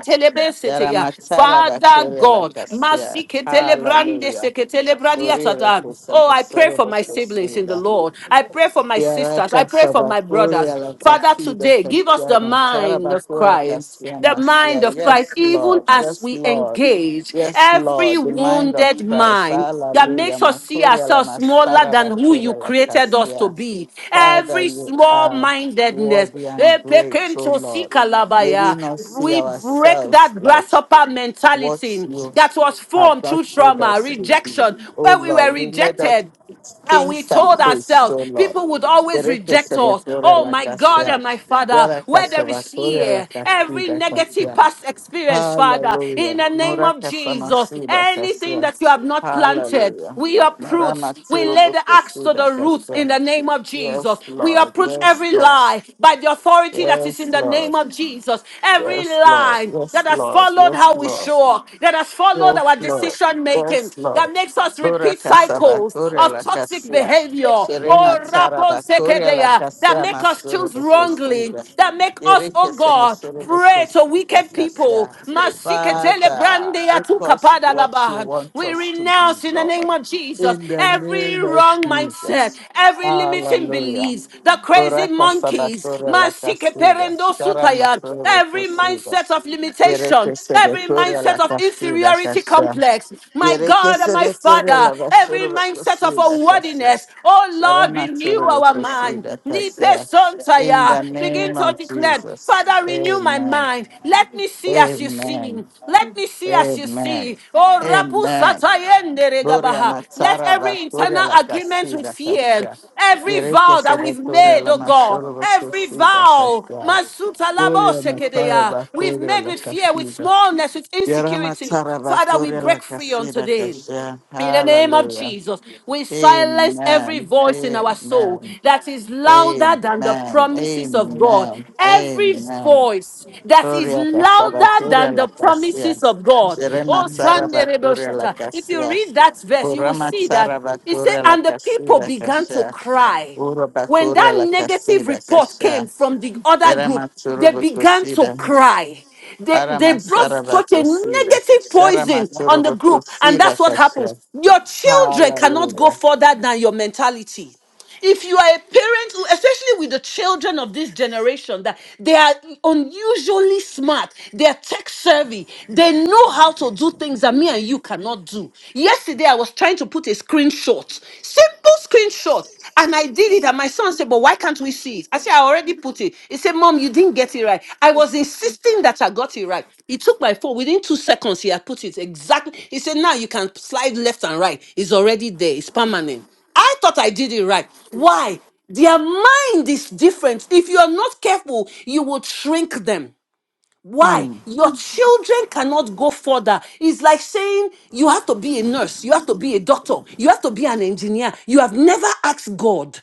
[SPEAKER 2] Yara
[SPEAKER 1] telebeseteya.
[SPEAKER 2] Matara
[SPEAKER 1] Father
[SPEAKER 2] Korea la
[SPEAKER 1] God,
[SPEAKER 2] Cassia. Hallelujah.
[SPEAKER 1] masiketelebrandeseketelebradiatata.
[SPEAKER 2] Orire
[SPEAKER 1] Oh,
[SPEAKER 2] Keseve
[SPEAKER 1] I pray
[SPEAKER 2] Sura
[SPEAKER 1] for for my siblings in the
[SPEAKER 2] Cosida.
[SPEAKER 1] Lord. I pray for my
[SPEAKER 2] Yara
[SPEAKER 1] sisters. I pray for
[SPEAKER 2] Casaba
[SPEAKER 1] my brothers.
[SPEAKER 2] Korea la
[SPEAKER 1] Father,
[SPEAKER 2] Casida
[SPEAKER 1] today, give us
[SPEAKER 2] Cassia.
[SPEAKER 1] the
[SPEAKER 2] Matara
[SPEAKER 1] mind of
[SPEAKER 2] bakura
[SPEAKER 1] Christ,
[SPEAKER 2] Cassia
[SPEAKER 1] the
[SPEAKER 2] Masia.
[SPEAKER 1] mind of Christ,
[SPEAKER 2] Yes,
[SPEAKER 1] even
[SPEAKER 2] Lord.
[SPEAKER 1] as
[SPEAKER 2] Yes,
[SPEAKER 1] we
[SPEAKER 2] Lord.
[SPEAKER 1] engage
[SPEAKER 2] Yes,
[SPEAKER 1] every
[SPEAKER 2] Lord, the mind of
[SPEAKER 1] wounded
[SPEAKER 2] Christ.
[SPEAKER 1] mind that
[SPEAKER 2] Hallelujah.
[SPEAKER 1] makes us see
[SPEAKER 2] Makuria la
[SPEAKER 1] ourselves smaller
[SPEAKER 2] Mastara
[SPEAKER 1] than who you
[SPEAKER 2] Bakuria la
[SPEAKER 1] created us to
[SPEAKER 2] Cassia.
[SPEAKER 1] be.
[SPEAKER 2] Father,
[SPEAKER 1] Every
[SPEAKER 2] you
[SPEAKER 1] small
[SPEAKER 2] are
[SPEAKER 1] mindedness,
[SPEAKER 2] worthy
[SPEAKER 1] we
[SPEAKER 2] and
[SPEAKER 1] break
[SPEAKER 2] great, O Lord. May we not see ourselves
[SPEAKER 1] that
[SPEAKER 2] like
[SPEAKER 1] grasshopper
[SPEAKER 2] what
[SPEAKER 1] mentality
[SPEAKER 2] you
[SPEAKER 1] that was
[SPEAKER 2] have
[SPEAKER 1] formed
[SPEAKER 2] not
[SPEAKER 1] through
[SPEAKER 2] made
[SPEAKER 1] trauma,
[SPEAKER 2] us to be.
[SPEAKER 1] rejection,
[SPEAKER 2] O
[SPEAKER 1] where we were
[SPEAKER 2] Lord, you made us
[SPEAKER 1] rejected. And we
[SPEAKER 2] kings and
[SPEAKER 1] told
[SPEAKER 2] priests,
[SPEAKER 1] ourselves
[SPEAKER 2] O Lord.
[SPEAKER 1] people would always
[SPEAKER 2] Ereke
[SPEAKER 1] reject us.
[SPEAKER 2] sebetoria
[SPEAKER 1] Oh my God
[SPEAKER 2] lakasia,
[SPEAKER 1] and my Father,
[SPEAKER 2] yara
[SPEAKER 1] where there is
[SPEAKER 2] kasabatoria
[SPEAKER 1] fear, every
[SPEAKER 2] lakasida
[SPEAKER 1] negative
[SPEAKER 2] kasia.
[SPEAKER 1] past experience, Father, in
[SPEAKER 2] Hallelujah.
[SPEAKER 1] the name
[SPEAKER 2] Nora
[SPEAKER 1] of Jesus,
[SPEAKER 2] kasamasida
[SPEAKER 1] anything
[SPEAKER 2] kasia.
[SPEAKER 1] that you have not planted,
[SPEAKER 2] Hallelujah.
[SPEAKER 1] we uproot.
[SPEAKER 2] Marama
[SPEAKER 1] We lay
[SPEAKER 2] turubu
[SPEAKER 1] the axe to
[SPEAKER 2] kusida
[SPEAKER 1] the roots
[SPEAKER 2] kasia.
[SPEAKER 1] in the name of Jesus.
[SPEAKER 2] Yes,
[SPEAKER 1] We
[SPEAKER 2] Lord.
[SPEAKER 1] uproot
[SPEAKER 2] Yes,
[SPEAKER 1] every
[SPEAKER 2] Lord.
[SPEAKER 1] lie by the authority that is in
[SPEAKER 2] Yes,
[SPEAKER 1] the
[SPEAKER 2] Lord.
[SPEAKER 1] name of Jesus. Every
[SPEAKER 2] Yes, Lord.
[SPEAKER 1] lie
[SPEAKER 2] Yes,
[SPEAKER 1] that has
[SPEAKER 2] Lord.
[SPEAKER 1] followed
[SPEAKER 2] Yes,
[SPEAKER 1] how we
[SPEAKER 2] Lord.
[SPEAKER 1] show up, that has followed our
[SPEAKER 2] Yes, Lord.
[SPEAKER 1] decision making,
[SPEAKER 2] Yes, Lord.
[SPEAKER 1] that makes us
[SPEAKER 2] Dora
[SPEAKER 1] repeat
[SPEAKER 2] kasaba
[SPEAKER 1] cycles cycles
[SPEAKER 2] korea
[SPEAKER 1] of
[SPEAKER 2] la
[SPEAKER 1] toxic
[SPEAKER 2] kasia.
[SPEAKER 1] behavior
[SPEAKER 2] Sherema
[SPEAKER 1] oh
[SPEAKER 2] tsara
[SPEAKER 1] rapon
[SPEAKER 2] ba korea la
[SPEAKER 1] sekedea, that
[SPEAKER 2] kasia
[SPEAKER 1] make us
[SPEAKER 2] masoro
[SPEAKER 1] choose
[SPEAKER 2] do
[SPEAKER 1] wrongly
[SPEAKER 2] kosiba.
[SPEAKER 1] that make us
[SPEAKER 2] Yereke
[SPEAKER 1] oh
[SPEAKER 2] se
[SPEAKER 1] god
[SPEAKER 2] mesoro do
[SPEAKER 1] pray to
[SPEAKER 2] kosiba
[SPEAKER 1] wicked people
[SPEAKER 2] kasia.
[SPEAKER 1] Masiketele
[SPEAKER 2] Father,
[SPEAKER 1] brandeya
[SPEAKER 2] make us
[SPEAKER 1] tukapada
[SPEAKER 2] what you
[SPEAKER 1] labahan.
[SPEAKER 2] want
[SPEAKER 1] we
[SPEAKER 2] us to be,
[SPEAKER 1] renounce in the
[SPEAKER 2] Lord.
[SPEAKER 1] name of jesus
[SPEAKER 2] In the
[SPEAKER 1] every
[SPEAKER 2] name of
[SPEAKER 1] wrong mindset
[SPEAKER 2] Jesus.
[SPEAKER 1] every limiting
[SPEAKER 2] Hallelujah.
[SPEAKER 1] beliefs the crazy
[SPEAKER 2] Buraka
[SPEAKER 1] monkeys
[SPEAKER 2] Sabatura la Casida,
[SPEAKER 1] masikeperendo
[SPEAKER 2] Shara
[SPEAKER 1] sutaya,
[SPEAKER 2] Matura
[SPEAKER 1] every
[SPEAKER 2] Cosida,
[SPEAKER 1] mindset of
[SPEAKER 2] Yereke
[SPEAKER 1] limitation every
[SPEAKER 2] Sabatura la
[SPEAKER 1] mindset of
[SPEAKER 2] Casida
[SPEAKER 1] inferiority
[SPEAKER 2] Casha,
[SPEAKER 1] complex my
[SPEAKER 2] Yereke
[SPEAKER 1] god and my
[SPEAKER 2] Sabatura
[SPEAKER 1] father
[SPEAKER 2] la
[SPEAKER 1] every
[SPEAKER 2] Basura
[SPEAKER 1] mindset of
[SPEAKER 2] Cosida Cassia,
[SPEAKER 1] unworthiness. Oh
[SPEAKER 2] Shara
[SPEAKER 1] Lord, renew
[SPEAKER 2] Matura
[SPEAKER 1] our mind.
[SPEAKER 2] Cosida
[SPEAKER 1] Nipe
[SPEAKER 2] Cassia. In
[SPEAKER 1] sontaya.
[SPEAKER 2] the
[SPEAKER 1] Begin
[SPEAKER 2] name
[SPEAKER 1] to
[SPEAKER 2] of
[SPEAKER 1] declare,
[SPEAKER 2] Jesus,
[SPEAKER 1] Father, renew my
[SPEAKER 2] amen,
[SPEAKER 1] mind. Let me see as you
[SPEAKER 2] amen,
[SPEAKER 1] see. Let me see as you
[SPEAKER 2] amen,
[SPEAKER 1] see. Oh, rapu
[SPEAKER 2] amen,
[SPEAKER 1] satayende
[SPEAKER 2] Gloria
[SPEAKER 1] regabaha. Let
[SPEAKER 2] Mazzara
[SPEAKER 1] every
[SPEAKER 2] Vattoria
[SPEAKER 1] internal
[SPEAKER 2] la
[SPEAKER 1] agreement with
[SPEAKER 2] Cassina
[SPEAKER 1] fear,
[SPEAKER 2] Cascia.
[SPEAKER 1] every
[SPEAKER 2] Yerekia
[SPEAKER 1] vow that we've
[SPEAKER 2] Sabatoria
[SPEAKER 1] made,
[SPEAKER 2] la
[SPEAKER 1] oh God,
[SPEAKER 2] Massoro
[SPEAKER 1] every
[SPEAKER 2] Vattosina
[SPEAKER 1] vow,
[SPEAKER 2] Cascia.
[SPEAKER 1] masuta labo
[SPEAKER 2] Gloria Mazzara
[SPEAKER 1] sekedeya, we've
[SPEAKER 2] Vattoria
[SPEAKER 1] made
[SPEAKER 2] la
[SPEAKER 1] with fear, with
[SPEAKER 2] Cassina.
[SPEAKER 1] smallness, with
[SPEAKER 2] Yara
[SPEAKER 1] insecurity.
[SPEAKER 2] Mazzara
[SPEAKER 1] Father, we
[SPEAKER 2] Vattoria la
[SPEAKER 1] break free on
[SPEAKER 2] Cassina
[SPEAKER 1] today.
[SPEAKER 2] Cascia.
[SPEAKER 1] In the name of
[SPEAKER 2] Hallelujah.
[SPEAKER 1] Jesus, we silence every
[SPEAKER 2] Amen.
[SPEAKER 1] voice in our soul
[SPEAKER 2] Amen.
[SPEAKER 1] that is louder than the
[SPEAKER 2] Amen.
[SPEAKER 1] promises of God.
[SPEAKER 2] Amen.
[SPEAKER 1] Every
[SPEAKER 2] Amen.
[SPEAKER 1] voice that is
[SPEAKER 2] Korea Kasaba
[SPEAKER 1] louder
[SPEAKER 2] Korea
[SPEAKER 1] than the
[SPEAKER 2] Lakasia.
[SPEAKER 1] promises of
[SPEAKER 3] Thank
[SPEAKER 1] God.
[SPEAKER 3] you,
[SPEAKER 1] Oh,
[SPEAKER 2] Sherema
[SPEAKER 3] Jesus.
[SPEAKER 1] Sunday,
[SPEAKER 2] Saraba
[SPEAKER 1] Rebel
[SPEAKER 2] Korea
[SPEAKER 1] Shatter. If you
[SPEAKER 2] Lakasia.
[SPEAKER 1] read that verse, you will
[SPEAKER 2] Burama
[SPEAKER 1] see that
[SPEAKER 2] Saraba
[SPEAKER 1] it said,
[SPEAKER 2] Korea
[SPEAKER 1] and the people
[SPEAKER 2] Lakasida
[SPEAKER 1] began to
[SPEAKER 2] Kasha.
[SPEAKER 1] cry.
[SPEAKER 2] Uraba
[SPEAKER 1] When
[SPEAKER 2] Korea
[SPEAKER 1] that negative
[SPEAKER 2] Lakasida
[SPEAKER 1] report
[SPEAKER 2] Kasha.
[SPEAKER 1] came from the other group,
[SPEAKER 2] Irama
[SPEAKER 1] they
[SPEAKER 2] Churuba
[SPEAKER 1] began to
[SPEAKER 2] Kusida.
[SPEAKER 1] cry. They, they
[SPEAKER 2] Arama
[SPEAKER 1] brought
[SPEAKER 2] Saraba
[SPEAKER 1] such a
[SPEAKER 2] Kusida.
[SPEAKER 1] negative
[SPEAKER 2] Sharama
[SPEAKER 1] poison on the
[SPEAKER 2] Churuba
[SPEAKER 1] group. And
[SPEAKER 2] Kusida
[SPEAKER 1] that's what happens.
[SPEAKER 2] Kasha.
[SPEAKER 1] Your children cannot go
[SPEAKER 2] Hallelujah.
[SPEAKER 1] further than your mentality if you are a parent who- especially with the children of this generation that they are unusually smart they are tech savvy they know how to do things that me and you cannot do do. Yesterday, I was trying to put a screenshot, simple screenshot, and I did it. And my son said, But why can't we see it? I said, I already put it. He said, Mom, you didn't get it right. I was insisting that I got it right. He took my phone. Within two seconds, he had put it exactly. He said, Now you can slide left and right. It's already there, it's permanent. I thought I did it right. Why? Their mind is different. If you are not careful, you will shrink them. Why?
[SPEAKER 2] Hmm.
[SPEAKER 1] Your children cannot go further. It's like saying you have to be a nurse, you have to be a doctor, you have to be an engineer. You have never asked God.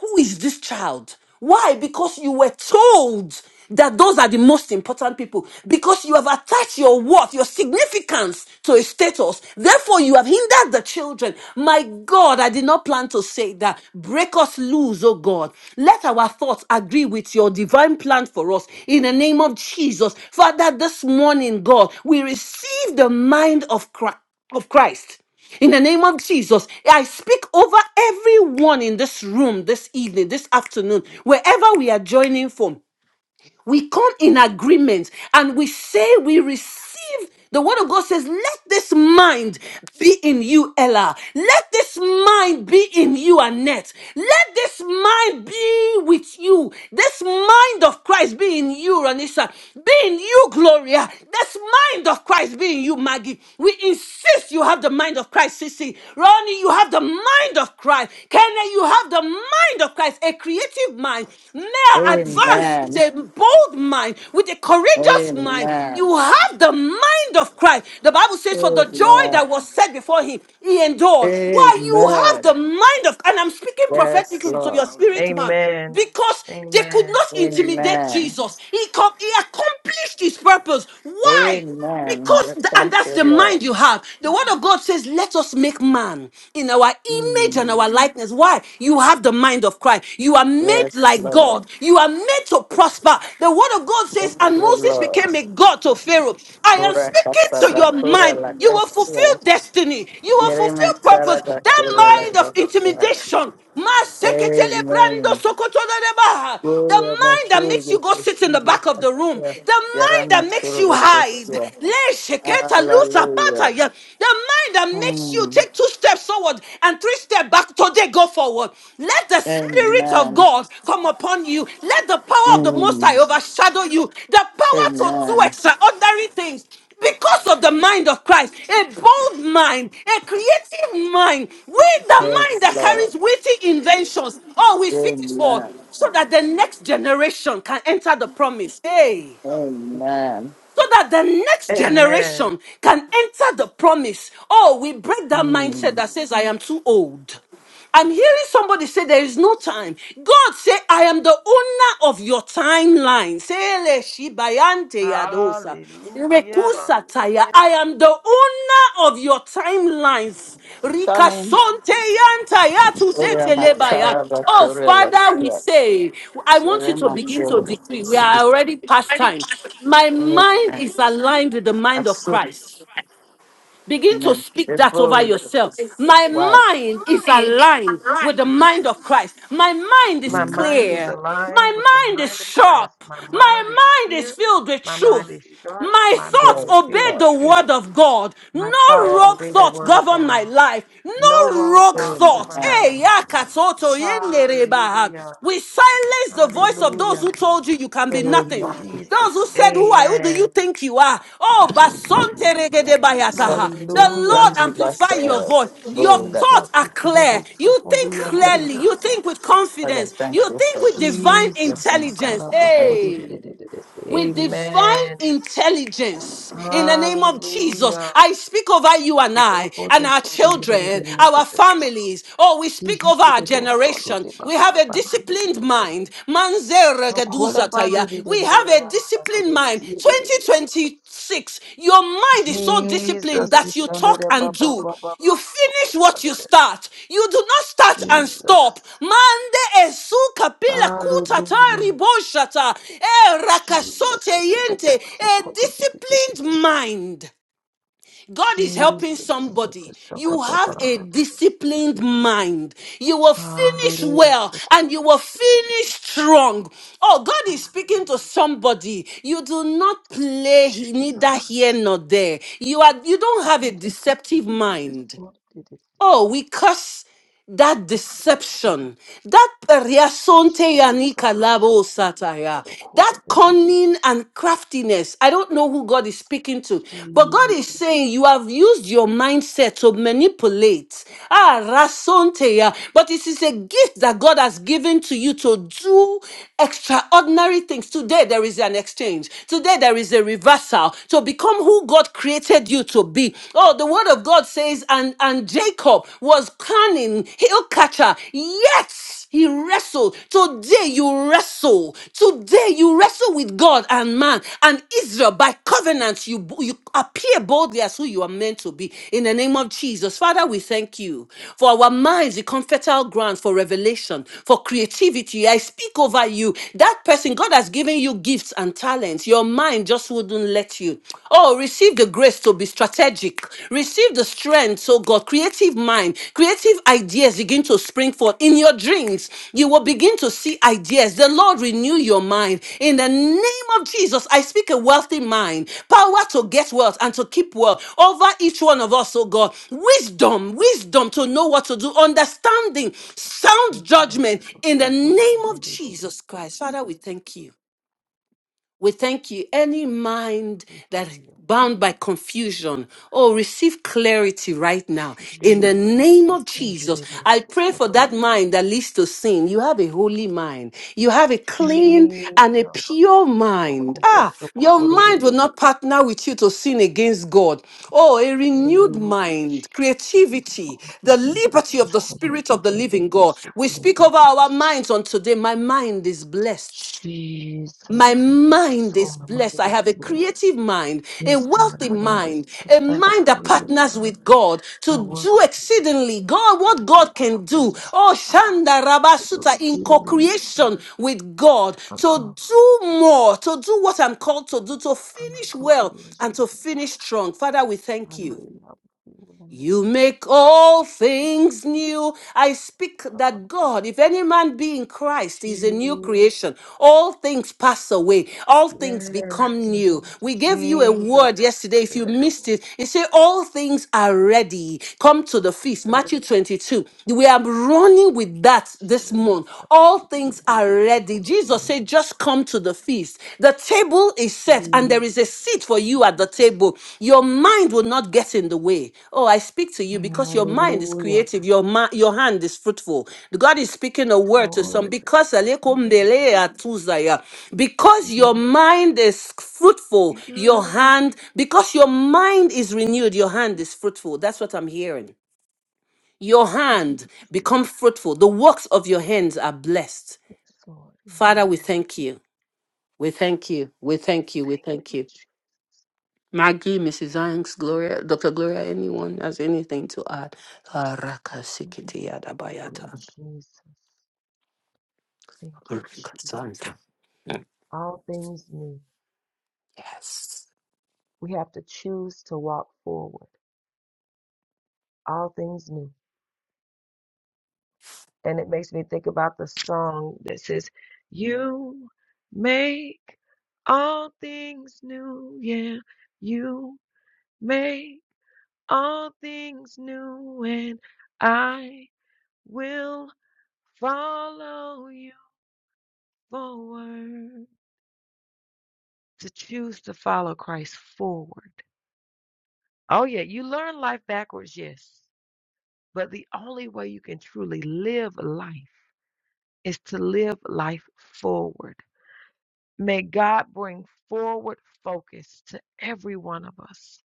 [SPEAKER 1] Who is this child? Why? Because you were told that those are the most important people. Because you have attached your worth, your significance to a status. Therefore, you have hindered the children. My God, I did not plan to say that. Break us loose, oh God. Let our thoughts agree with your divine plan for us. In the name of Jesus. Father, this morning, God, we receive the mind of Christ of Christ. In the name of Jesus, I speak over everyone in this room this evening, this afternoon, wherever we are joining from we come in agreement and we say we receive. The word of God says, Let this mind be in you, Ella. Let this mind be in you, Annette. Let this mind be with you. This mind of Christ be in you, Ranisa. Be in you, Gloria. This mind of Christ be in you, Maggie. We insist you have the mind of Christ, Sissy. Ronnie, you have the mind of Christ. Kenneth, you have the mind of Christ exercise a creative mind. Now advance with
[SPEAKER 2] Amen.
[SPEAKER 1] a bold mind, with a courageous mind.
[SPEAKER 2] Amen.
[SPEAKER 1] You have the mind of Christ. The Bible says, For the joy
[SPEAKER 2] Amen.
[SPEAKER 1] that was set before him, he endured. Why you have
[SPEAKER 2] Amen.
[SPEAKER 1] the mind of, and I'm speaking
[SPEAKER 2] Yes,
[SPEAKER 1] prophetically to
[SPEAKER 2] Lord.
[SPEAKER 1] your spirit man.
[SPEAKER 3] Amen.
[SPEAKER 1] Because they could
[SPEAKER 3] Amen.
[SPEAKER 1] not intimidate
[SPEAKER 2] Amen.
[SPEAKER 1] Jesus. He, com- he accomplished his purpose. Why?
[SPEAKER 2] Amen.
[SPEAKER 1] Because,
[SPEAKER 2] Yes,
[SPEAKER 1] th- and
[SPEAKER 2] thank
[SPEAKER 1] that's
[SPEAKER 2] you,
[SPEAKER 1] the
[SPEAKER 2] Lord.
[SPEAKER 1] mind you have. The word of God says, Let us make man in our image and
[SPEAKER 2] Mm.
[SPEAKER 1] our likeness. Why? You have the mind of Christ. You are made
[SPEAKER 2] Yes,
[SPEAKER 1] like
[SPEAKER 2] Lord.
[SPEAKER 1] God. You are made to prosper. The word of God says,
[SPEAKER 2] Thank
[SPEAKER 1] And
[SPEAKER 2] you,
[SPEAKER 1] Moses
[SPEAKER 2] Lord.
[SPEAKER 1] became a God to Pharaoh. I am
[SPEAKER 2] Kura
[SPEAKER 1] speaking to
[SPEAKER 2] kasaba
[SPEAKER 1] your
[SPEAKER 2] kura
[SPEAKER 1] mind.
[SPEAKER 2] la
[SPEAKER 1] You will fulfill
[SPEAKER 2] kasya.
[SPEAKER 1] destiny. You will
[SPEAKER 2] Yerima
[SPEAKER 1] fulfill purpose.
[SPEAKER 2] charaba
[SPEAKER 1] That
[SPEAKER 2] kura la
[SPEAKER 1] mind of
[SPEAKER 2] kasya.
[SPEAKER 1] intimidation. Maseketele brando
[SPEAKER 2] Amen.
[SPEAKER 1] sokotoloreba. The
[SPEAKER 2] Kura
[SPEAKER 1] mind that makes you
[SPEAKER 2] machuga
[SPEAKER 1] go sit in the
[SPEAKER 2] kusya.
[SPEAKER 1] back of the room, the mind
[SPEAKER 2] Yarama
[SPEAKER 1] that makes you
[SPEAKER 2] churuba
[SPEAKER 1] hide,
[SPEAKER 2] kusya.
[SPEAKER 1] Le sheketa lusa pata
[SPEAKER 2] Hallelujah.
[SPEAKER 1] ya. the mind that makes you
[SPEAKER 2] Mm.
[SPEAKER 1] take two steps forward and three steps back, today go forward. Let the Spirit of
[SPEAKER 2] Amen.
[SPEAKER 1] God come upon you. Let the power of the Most High
[SPEAKER 2] Mm.
[SPEAKER 1] overshadow you. The power to do
[SPEAKER 2] Amen.
[SPEAKER 1] extraordinary things because of the mind of Christ, a bold mind, a creative mind, with the mind
[SPEAKER 2] Yes,
[SPEAKER 1] that
[SPEAKER 2] Lord.
[SPEAKER 1] carries witty inventions. Oh, we speak it for
[SPEAKER 2] Amen.
[SPEAKER 1] so that the next generation can enter the promise. Hey
[SPEAKER 2] Amen.
[SPEAKER 1] so that the next
[SPEAKER 3] Amen.
[SPEAKER 1] generation can enter the promise. Oh, we break that mindset
[SPEAKER 2] Mm.
[SPEAKER 1] that says, I am too old. I'm hearing somebody say there is no time. God say, I am the owner of your timeline. Sele shibayante yadosa.
[SPEAKER 3] Hallelujah.
[SPEAKER 1] Rekusa taya. I am the owner of your timelines. Rika
[SPEAKER 2] Coming.
[SPEAKER 1] sonte yanta yatu
[SPEAKER 2] Ora
[SPEAKER 1] zete lebaya.
[SPEAKER 2] matara
[SPEAKER 1] Oh,
[SPEAKER 2] bakura
[SPEAKER 1] Father, we
[SPEAKER 2] lasya.
[SPEAKER 1] say, I want
[SPEAKER 2] Sura
[SPEAKER 1] you to begin to
[SPEAKER 2] matara.
[SPEAKER 1] decree. We are already past time. My mind is aligned with the mind of
[SPEAKER 2] Asu.
[SPEAKER 1] Christ. Begin
[SPEAKER 2] In
[SPEAKER 1] to
[SPEAKER 2] a
[SPEAKER 1] speak that over
[SPEAKER 2] devil that
[SPEAKER 1] yourself.
[SPEAKER 2] is
[SPEAKER 1] My
[SPEAKER 2] white.
[SPEAKER 1] mind is aligned with the mind of Christ. My mind is
[SPEAKER 3] My
[SPEAKER 2] Mm.
[SPEAKER 3] mind is
[SPEAKER 1] clear.
[SPEAKER 3] aligned with the
[SPEAKER 1] My mind is
[SPEAKER 3] mind of Christ.
[SPEAKER 1] sharp.
[SPEAKER 3] My mind is
[SPEAKER 1] My mind is
[SPEAKER 3] clear.
[SPEAKER 1] filled with
[SPEAKER 3] My mind
[SPEAKER 1] truth.
[SPEAKER 3] is sharp.
[SPEAKER 1] My
[SPEAKER 3] My mind
[SPEAKER 1] thoughts
[SPEAKER 3] is
[SPEAKER 2] Yes,
[SPEAKER 3] filled
[SPEAKER 1] obey
[SPEAKER 3] with
[SPEAKER 2] Lord.
[SPEAKER 1] the
[SPEAKER 3] truth.
[SPEAKER 1] word of God. No
[SPEAKER 3] My thoughts
[SPEAKER 2] Yes,
[SPEAKER 1] rogue
[SPEAKER 3] obey the
[SPEAKER 2] Lord.
[SPEAKER 1] thoughts
[SPEAKER 3] word of
[SPEAKER 1] govern my
[SPEAKER 3] God.
[SPEAKER 1] life.
[SPEAKER 3] No
[SPEAKER 1] No
[SPEAKER 3] wrong
[SPEAKER 1] rogue
[SPEAKER 3] thoughts
[SPEAKER 1] thoughts.
[SPEAKER 3] govern
[SPEAKER 2] Amen.
[SPEAKER 3] my
[SPEAKER 1] Eh,
[SPEAKER 3] life.
[SPEAKER 1] yakatoto yenerebaha.
[SPEAKER 3] Hallelujah.
[SPEAKER 1] We silence the voice of those
[SPEAKER 3] Hallelujah.
[SPEAKER 1] who told you you can be nothing.
[SPEAKER 2] Amen.
[SPEAKER 3] Jesus.
[SPEAKER 1] Those who said, Who are who do you
[SPEAKER 3] Amen.
[SPEAKER 1] think you are? Oh, Basonte regede
[SPEAKER 2] So
[SPEAKER 1] bayataha. The
[SPEAKER 2] just
[SPEAKER 3] Hallelujah.
[SPEAKER 1] Lord
[SPEAKER 2] bring me back
[SPEAKER 1] amplify
[SPEAKER 2] to
[SPEAKER 1] your
[SPEAKER 2] uh,
[SPEAKER 1] voice. Your
[SPEAKER 2] bull that
[SPEAKER 3] Jesus,
[SPEAKER 1] thoughts are
[SPEAKER 3] ikelebo
[SPEAKER 1] clear. You
[SPEAKER 3] sohori
[SPEAKER 1] think clearly. You
[SPEAKER 3] yandereroso.
[SPEAKER 1] think with
[SPEAKER 2] is. Father,
[SPEAKER 1] confidence.
[SPEAKER 2] thank
[SPEAKER 1] You
[SPEAKER 2] you
[SPEAKER 1] think
[SPEAKER 2] for
[SPEAKER 1] with
[SPEAKER 2] this food.
[SPEAKER 1] divine
[SPEAKER 3] Jesus,
[SPEAKER 2] Yes, thanks,
[SPEAKER 1] intelligence.
[SPEAKER 3] sakalabo
[SPEAKER 2] thanks.
[SPEAKER 1] Hey
[SPEAKER 3] koribererese.
[SPEAKER 1] with divine
[SPEAKER 3] Amen.
[SPEAKER 1] intelligence in the name of Jesus.
[SPEAKER 3] Hallelujah.
[SPEAKER 1] I speak over you and I,
[SPEAKER 3] Sokobo
[SPEAKER 1] and our
[SPEAKER 3] doso
[SPEAKER 1] children, our
[SPEAKER 3] deliberereyanderoso.
[SPEAKER 1] families. Oh, we speak over our
[SPEAKER 3] Sihikelebo so
[SPEAKER 1] generation. We have a disciplined
[SPEAKER 3] dedebanderabandederose.
[SPEAKER 1] mind. Manze
[SPEAKER 3] Shokole
[SPEAKER 1] regeduzataya. We have a disciplined mind.
[SPEAKER 3] bandererabandederesiyerereriyanderoso.
[SPEAKER 1] 26. Your mind is so
[SPEAKER 3] Jesus,
[SPEAKER 1] disciplined that you talk
[SPEAKER 3] ikelebo
[SPEAKER 1] and
[SPEAKER 3] Baba,
[SPEAKER 1] do.
[SPEAKER 3] Baba, Baba,
[SPEAKER 1] You
[SPEAKER 3] ikanderebabababa
[SPEAKER 1] finish what you
[SPEAKER 3] sokoriberere.
[SPEAKER 1] start. You do not start and stop.
[SPEAKER 3] Jesus.
[SPEAKER 1] Mande esu kapila kutata
[SPEAKER 3] Hallelujah.
[SPEAKER 1] riboshata. E
[SPEAKER 3] Jesus,
[SPEAKER 1] rakasote
[SPEAKER 3] sekete
[SPEAKER 1] yente.
[SPEAKER 3] baso
[SPEAKER 1] A
[SPEAKER 3] kote bete tete se.
[SPEAKER 1] disciplined mind. God is helping
[SPEAKER 3] Jesus, sekete
[SPEAKER 1] somebody. You
[SPEAKER 3] sakote
[SPEAKER 1] have a
[SPEAKER 3] balada da sakete
[SPEAKER 1] disciplined
[SPEAKER 3] se.
[SPEAKER 1] mind. You will finish
[SPEAKER 3] Hallelujah,
[SPEAKER 1] well
[SPEAKER 3] sokote
[SPEAKER 1] and you will
[SPEAKER 3] balada se.
[SPEAKER 1] finish strong. Oh, God is speaking to
[SPEAKER 3] Hallelujah,
[SPEAKER 1] somebody. You do not play neither
[SPEAKER 3] Jesus.
[SPEAKER 1] here nor there. You are you don't have a
[SPEAKER 3] Sokote tete se,
[SPEAKER 1] deceptive
[SPEAKER 3] tete
[SPEAKER 1] mind.
[SPEAKER 3] did it? se.
[SPEAKER 1] Oh, we curse that
[SPEAKER 3] Hallelujah,
[SPEAKER 1] deception, that periasonte
[SPEAKER 3] Jesus,
[SPEAKER 1] yanika labo
[SPEAKER 3] sokote tete
[SPEAKER 1] sataya,
[SPEAKER 3] sokote
[SPEAKER 1] that
[SPEAKER 3] bete tete se.
[SPEAKER 1] cunning and craftiness. I don't know who God is speaking to, but God
[SPEAKER 3] Jesus,
[SPEAKER 1] is saying you have used your mindset to manipulate. Ah, rasonte ya. But it is a gift that God has given to you to do extraordinary things. Today there is an exchange. Today there is a reversal to become who God created you to be. Oh, the word of God says, and, and Jacob was cunning, heel catcher, yet he wrestled. Today you wrestle. Today you wrestle with God and man and Israel by covenant. You, you appear boldly as who you are meant to be. In the name of Jesus, Father, we thank you for our minds, the comfortable ground for revelation, for creativity. I speak over you. That person, God has given you gifts and talents. Your mind just would wouldn't let you. Oh, receive the grace to be strategic. Receive the strength, so God, creative mind, creative ideas begin to spring forth in your dreams. You will begin to see ideas. The Lord renew your mind. In the name of Jesus, I speak a wealthy mind, power to get wealth and to keep wealth over each one of us, oh God. Wisdom, wisdom to know what to do, understanding, sound
[SPEAKER 3] tete bala
[SPEAKER 1] judgment
[SPEAKER 3] kote
[SPEAKER 1] in the name
[SPEAKER 3] sofuko
[SPEAKER 1] of
[SPEAKER 3] balada da
[SPEAKER 1] Jesus
[SPEAKER 3] sokote
[SPEAKER 1] Christ. Father,
[SPEAKER 3] tete
[SPEAKER 1] we thank you. We thank you. Any mind that bound
[SPEAKER 3] se.
[SPEAKER 1] by confusion, oh, receive clarity right now. In the
[SPEAKER 3] Jesus,
[SPEAKER 1] name
[SPEAKER 3] you
[SPEAKER 1] of
[SPEAKER 3] can do
[SPEAKER 1] Jesus,
[SPEAKER 3] the
[SPEAKER 1] I
[SPEAKER 3] most so
[SPEAKER 1] pray for
[SPEAKER 3] called it.
[SPEAKER 1] that mind that leads to sin. You have a holy mind. You have a clean and a
[SPEAKER 3] Jesus,
[SPEAKER 1] pure
[SPEAKER 3] oh,
[SPEAKER 1] mind.
[SPEAKER 3] God, what
[SPEAKER 1] Ah,
[SPEAKER 3] so
[SPEAKER 1] your
[SPEAKER 3] called it.
[SPEAKER 1] mind will not partner with you to sin against God. Oh, a renewed
[SPEAKER 3] Hallelujah,
[SPEAKER 1] mind,
[SPEAKER 3] Jesus, so
[SPEAKER 1] creativity,
[SPEAKER 3] called
[SPEAKER 1] the
[SPEAKER 3] it, and you
[SPEAKER 1] liberty
[SPEAKER 3] so
[SPEAKER 1] of the
[SPEAKER 3] called it,
[SPEAKER 1] spirit of the
[SPEAKER 3] again,
[SPEAKER 1] living
[SPEAKER 3] it is
[SPEAKER 1] God.
[SPEAKER 3] so
[SPEAKER 1] We
[SPEAKER 3] called it,
[SPEAKER 1] speak
[SPEAKER 3] and
[SPEAKER 1] over
[SPEAKER 3] it is
[SPEAKER 1] our
[SPEAKER 3] so-
[SPEAKER 1] minds on today. My mind is blessed. My
[SPEAKER 3] Jesus,
[SPEAKER 1] mind
[SPEAKER 3] so
[SPEAKER 1] is
[SPEAKER 3] my
[SPEAKER 1] blessed.
[SPEAKER 3] mind
[SPEAKER 1] I
[SPEAKER 3] is
[SPEAKER 1] have a
[SPEAKER 3] blessed.
[SPEAKER 1] creative mind, a
[SPEAKER 3] Yes, God,
[SPEAKER 1] wealthy
[SPEAKER 3] my mind is
[SPEAKER 1] mind, a
[SPEAKER 3] blessed. I have a
[SPEAKER 1] mind that
[SPEAKER 3] creative
[SPEAKER 1] partners
[SPEAKER 3] mind,
[SPEAKER 1] with God
[SPEAKER 3] a
[SPEAKER 1] to do
[SPEAKER 3] wealthy
[SPEAKER 1] exceedingly God what
[SPEAKER 3] mind that
[SPEAKER 1] God can do.
[SPEAKER 3] partners with
[SPEAKER 1] Oh,
[SPEAKER 3] God
[SPEAKER 1] Shanda
[SPEAKER 3] to do
[SPEAKER 1] Rabasuta in
[SPEAKER 3] exceedingly abundant
[SPEAKER 1] co-creation with God to
[SPEAKER 3] above.
[SPEAKER 1] do more, to do what I'm called to do, to
[SPEAKER 3] I'm in
[SPEAKER 1] finish well
[SPEAKER 3] co-creation
[SPEAKER 1] and to
[SPEAKER 3] with God.
[SPEAKER 1] finish strong. Father, we thank you.
[SPEAKER 3] Hallelujah. We will
[SPEAKER 1] You make all
[SPEAKER 3] Jesus
[SPEAKER 1] things
[SPEAKER 3] Christ.
[SPEAKER 1] new. I speak
[SPEAKER 3] Lord.
[SPEAKER 1] that God, if any man be in Christ, is a new
[SPEAKER 3] Jesus.
[SPEAKER 1] creation. All things pass away, all things
[SPEAKER 3] Yes,
[SPEAKER 1] become
[SPEAKER 3] thank
[SPEAKER 1] new.
[SPEAKER 3] you,
[SPEAKER 1] We gave you a
[SPEAKER 3] Jesus.
[SPEAKER 1] word yesterday. If you missed it, it said, All things are ready. Come to the feast.
[SPEAKER 3] Hallelujah,
[SPEAKER 1] Matthew 22. We are running with that
[SPEAKER 3] Jesus.
[SPEAKER 1] this month. All
[SPEAKER 3] We can
[SPEAKER 1] things
[SPEAKER 3] do
[SPEAKER 1] are
[SPEAKER 3] the for
[SPEAKER 1] ready.
[SPEAKER 3] so
[SPEAKER 1] Jesus
[SPEAKER 3] long.
[SPEAKER 1] said, Just come come to the feast. The table is set and there is a
[SPEAKER 3] Jesus.
[SPEAKER 1] seat
[SPEAKER 3] so
[SPEAKER 1] for you
[SPEAKER 3] good,
[SPEAKER 1] at
[SPEAKER 3] the
[SPEAKER 1] the
[SPEAKER 3] secret.
[SPEAKER 1] table. Your mind will not get in the way. Oh, I speak to you because your mind is
[SPEAKER 3] Hallelujah.
[SPEAKER 1] creative, your ma- your hand is fruitful. God is speaking a word to some
[SPEAKER 3] Glory to
[SPEAKER 1] because
[SPEAKER 3] thank you,
[SPEAKER 1] alekombele
[SPEAKER 3] Jesus.
[SPEAKER 1] atuzaya. because
[SPEAKER 3] Mm.
[SPEAKER 1] your mind is fruitful,
[SPEAKER 3] Yeah.
[SPEAKER 1] your hand because your mind is
[SPEAKER 3] Thank
[SPEAKER 1] renewed, your
[SPEAKER 3] you,
[SPEAKER 1] hand is fruitful. That's what I'm hearing. Your hand
[SPEAKER 3] Jesus.
[SPEAKER 1] become fruitful. The works of your hands are blessed.
[SPEAKER 3] Yes, Lord.
[SPEAKER 1] Father,
[SPEAKER 3] Amen.
[SPEAKER 1] we thank you. We thank you. We thank you. We
[SPEAKER 3] Thank
[SPEAKER 1] thank
[SPEAKER 3] you,
[SPEAKER 1] you.
[SPEAKER 3] Jesus.
[SPEAKER 1] Maggie, Mrs. Hanks, Gloria, Dr. Gloria, anyone has anything to add? Ah, Raka Sikiti
[SPEAKER 3] Hallelujah,
[SPEAKER 1] Yadabayata.
[SPEAKER 3] Jesus. Thank you,
[SPEAKER 1] Raka
[SPEAKER 3] Jesus.
[SPEAKER 1] Santa.
[SPEAKER 3] All things new.
[SPEAKER 1] Yes.
[SPEAKER 3] We have to choose to walk forward. All things new. And it makes me think about the song that says, You make all things new. Yeah, you make all things new, and I will follow you forward. To choose to follow Christ forward Oh, yeah, you learn life backwards, yes. But the only way you can truly live life is to live life forward. May God bring forward focus to every one of us.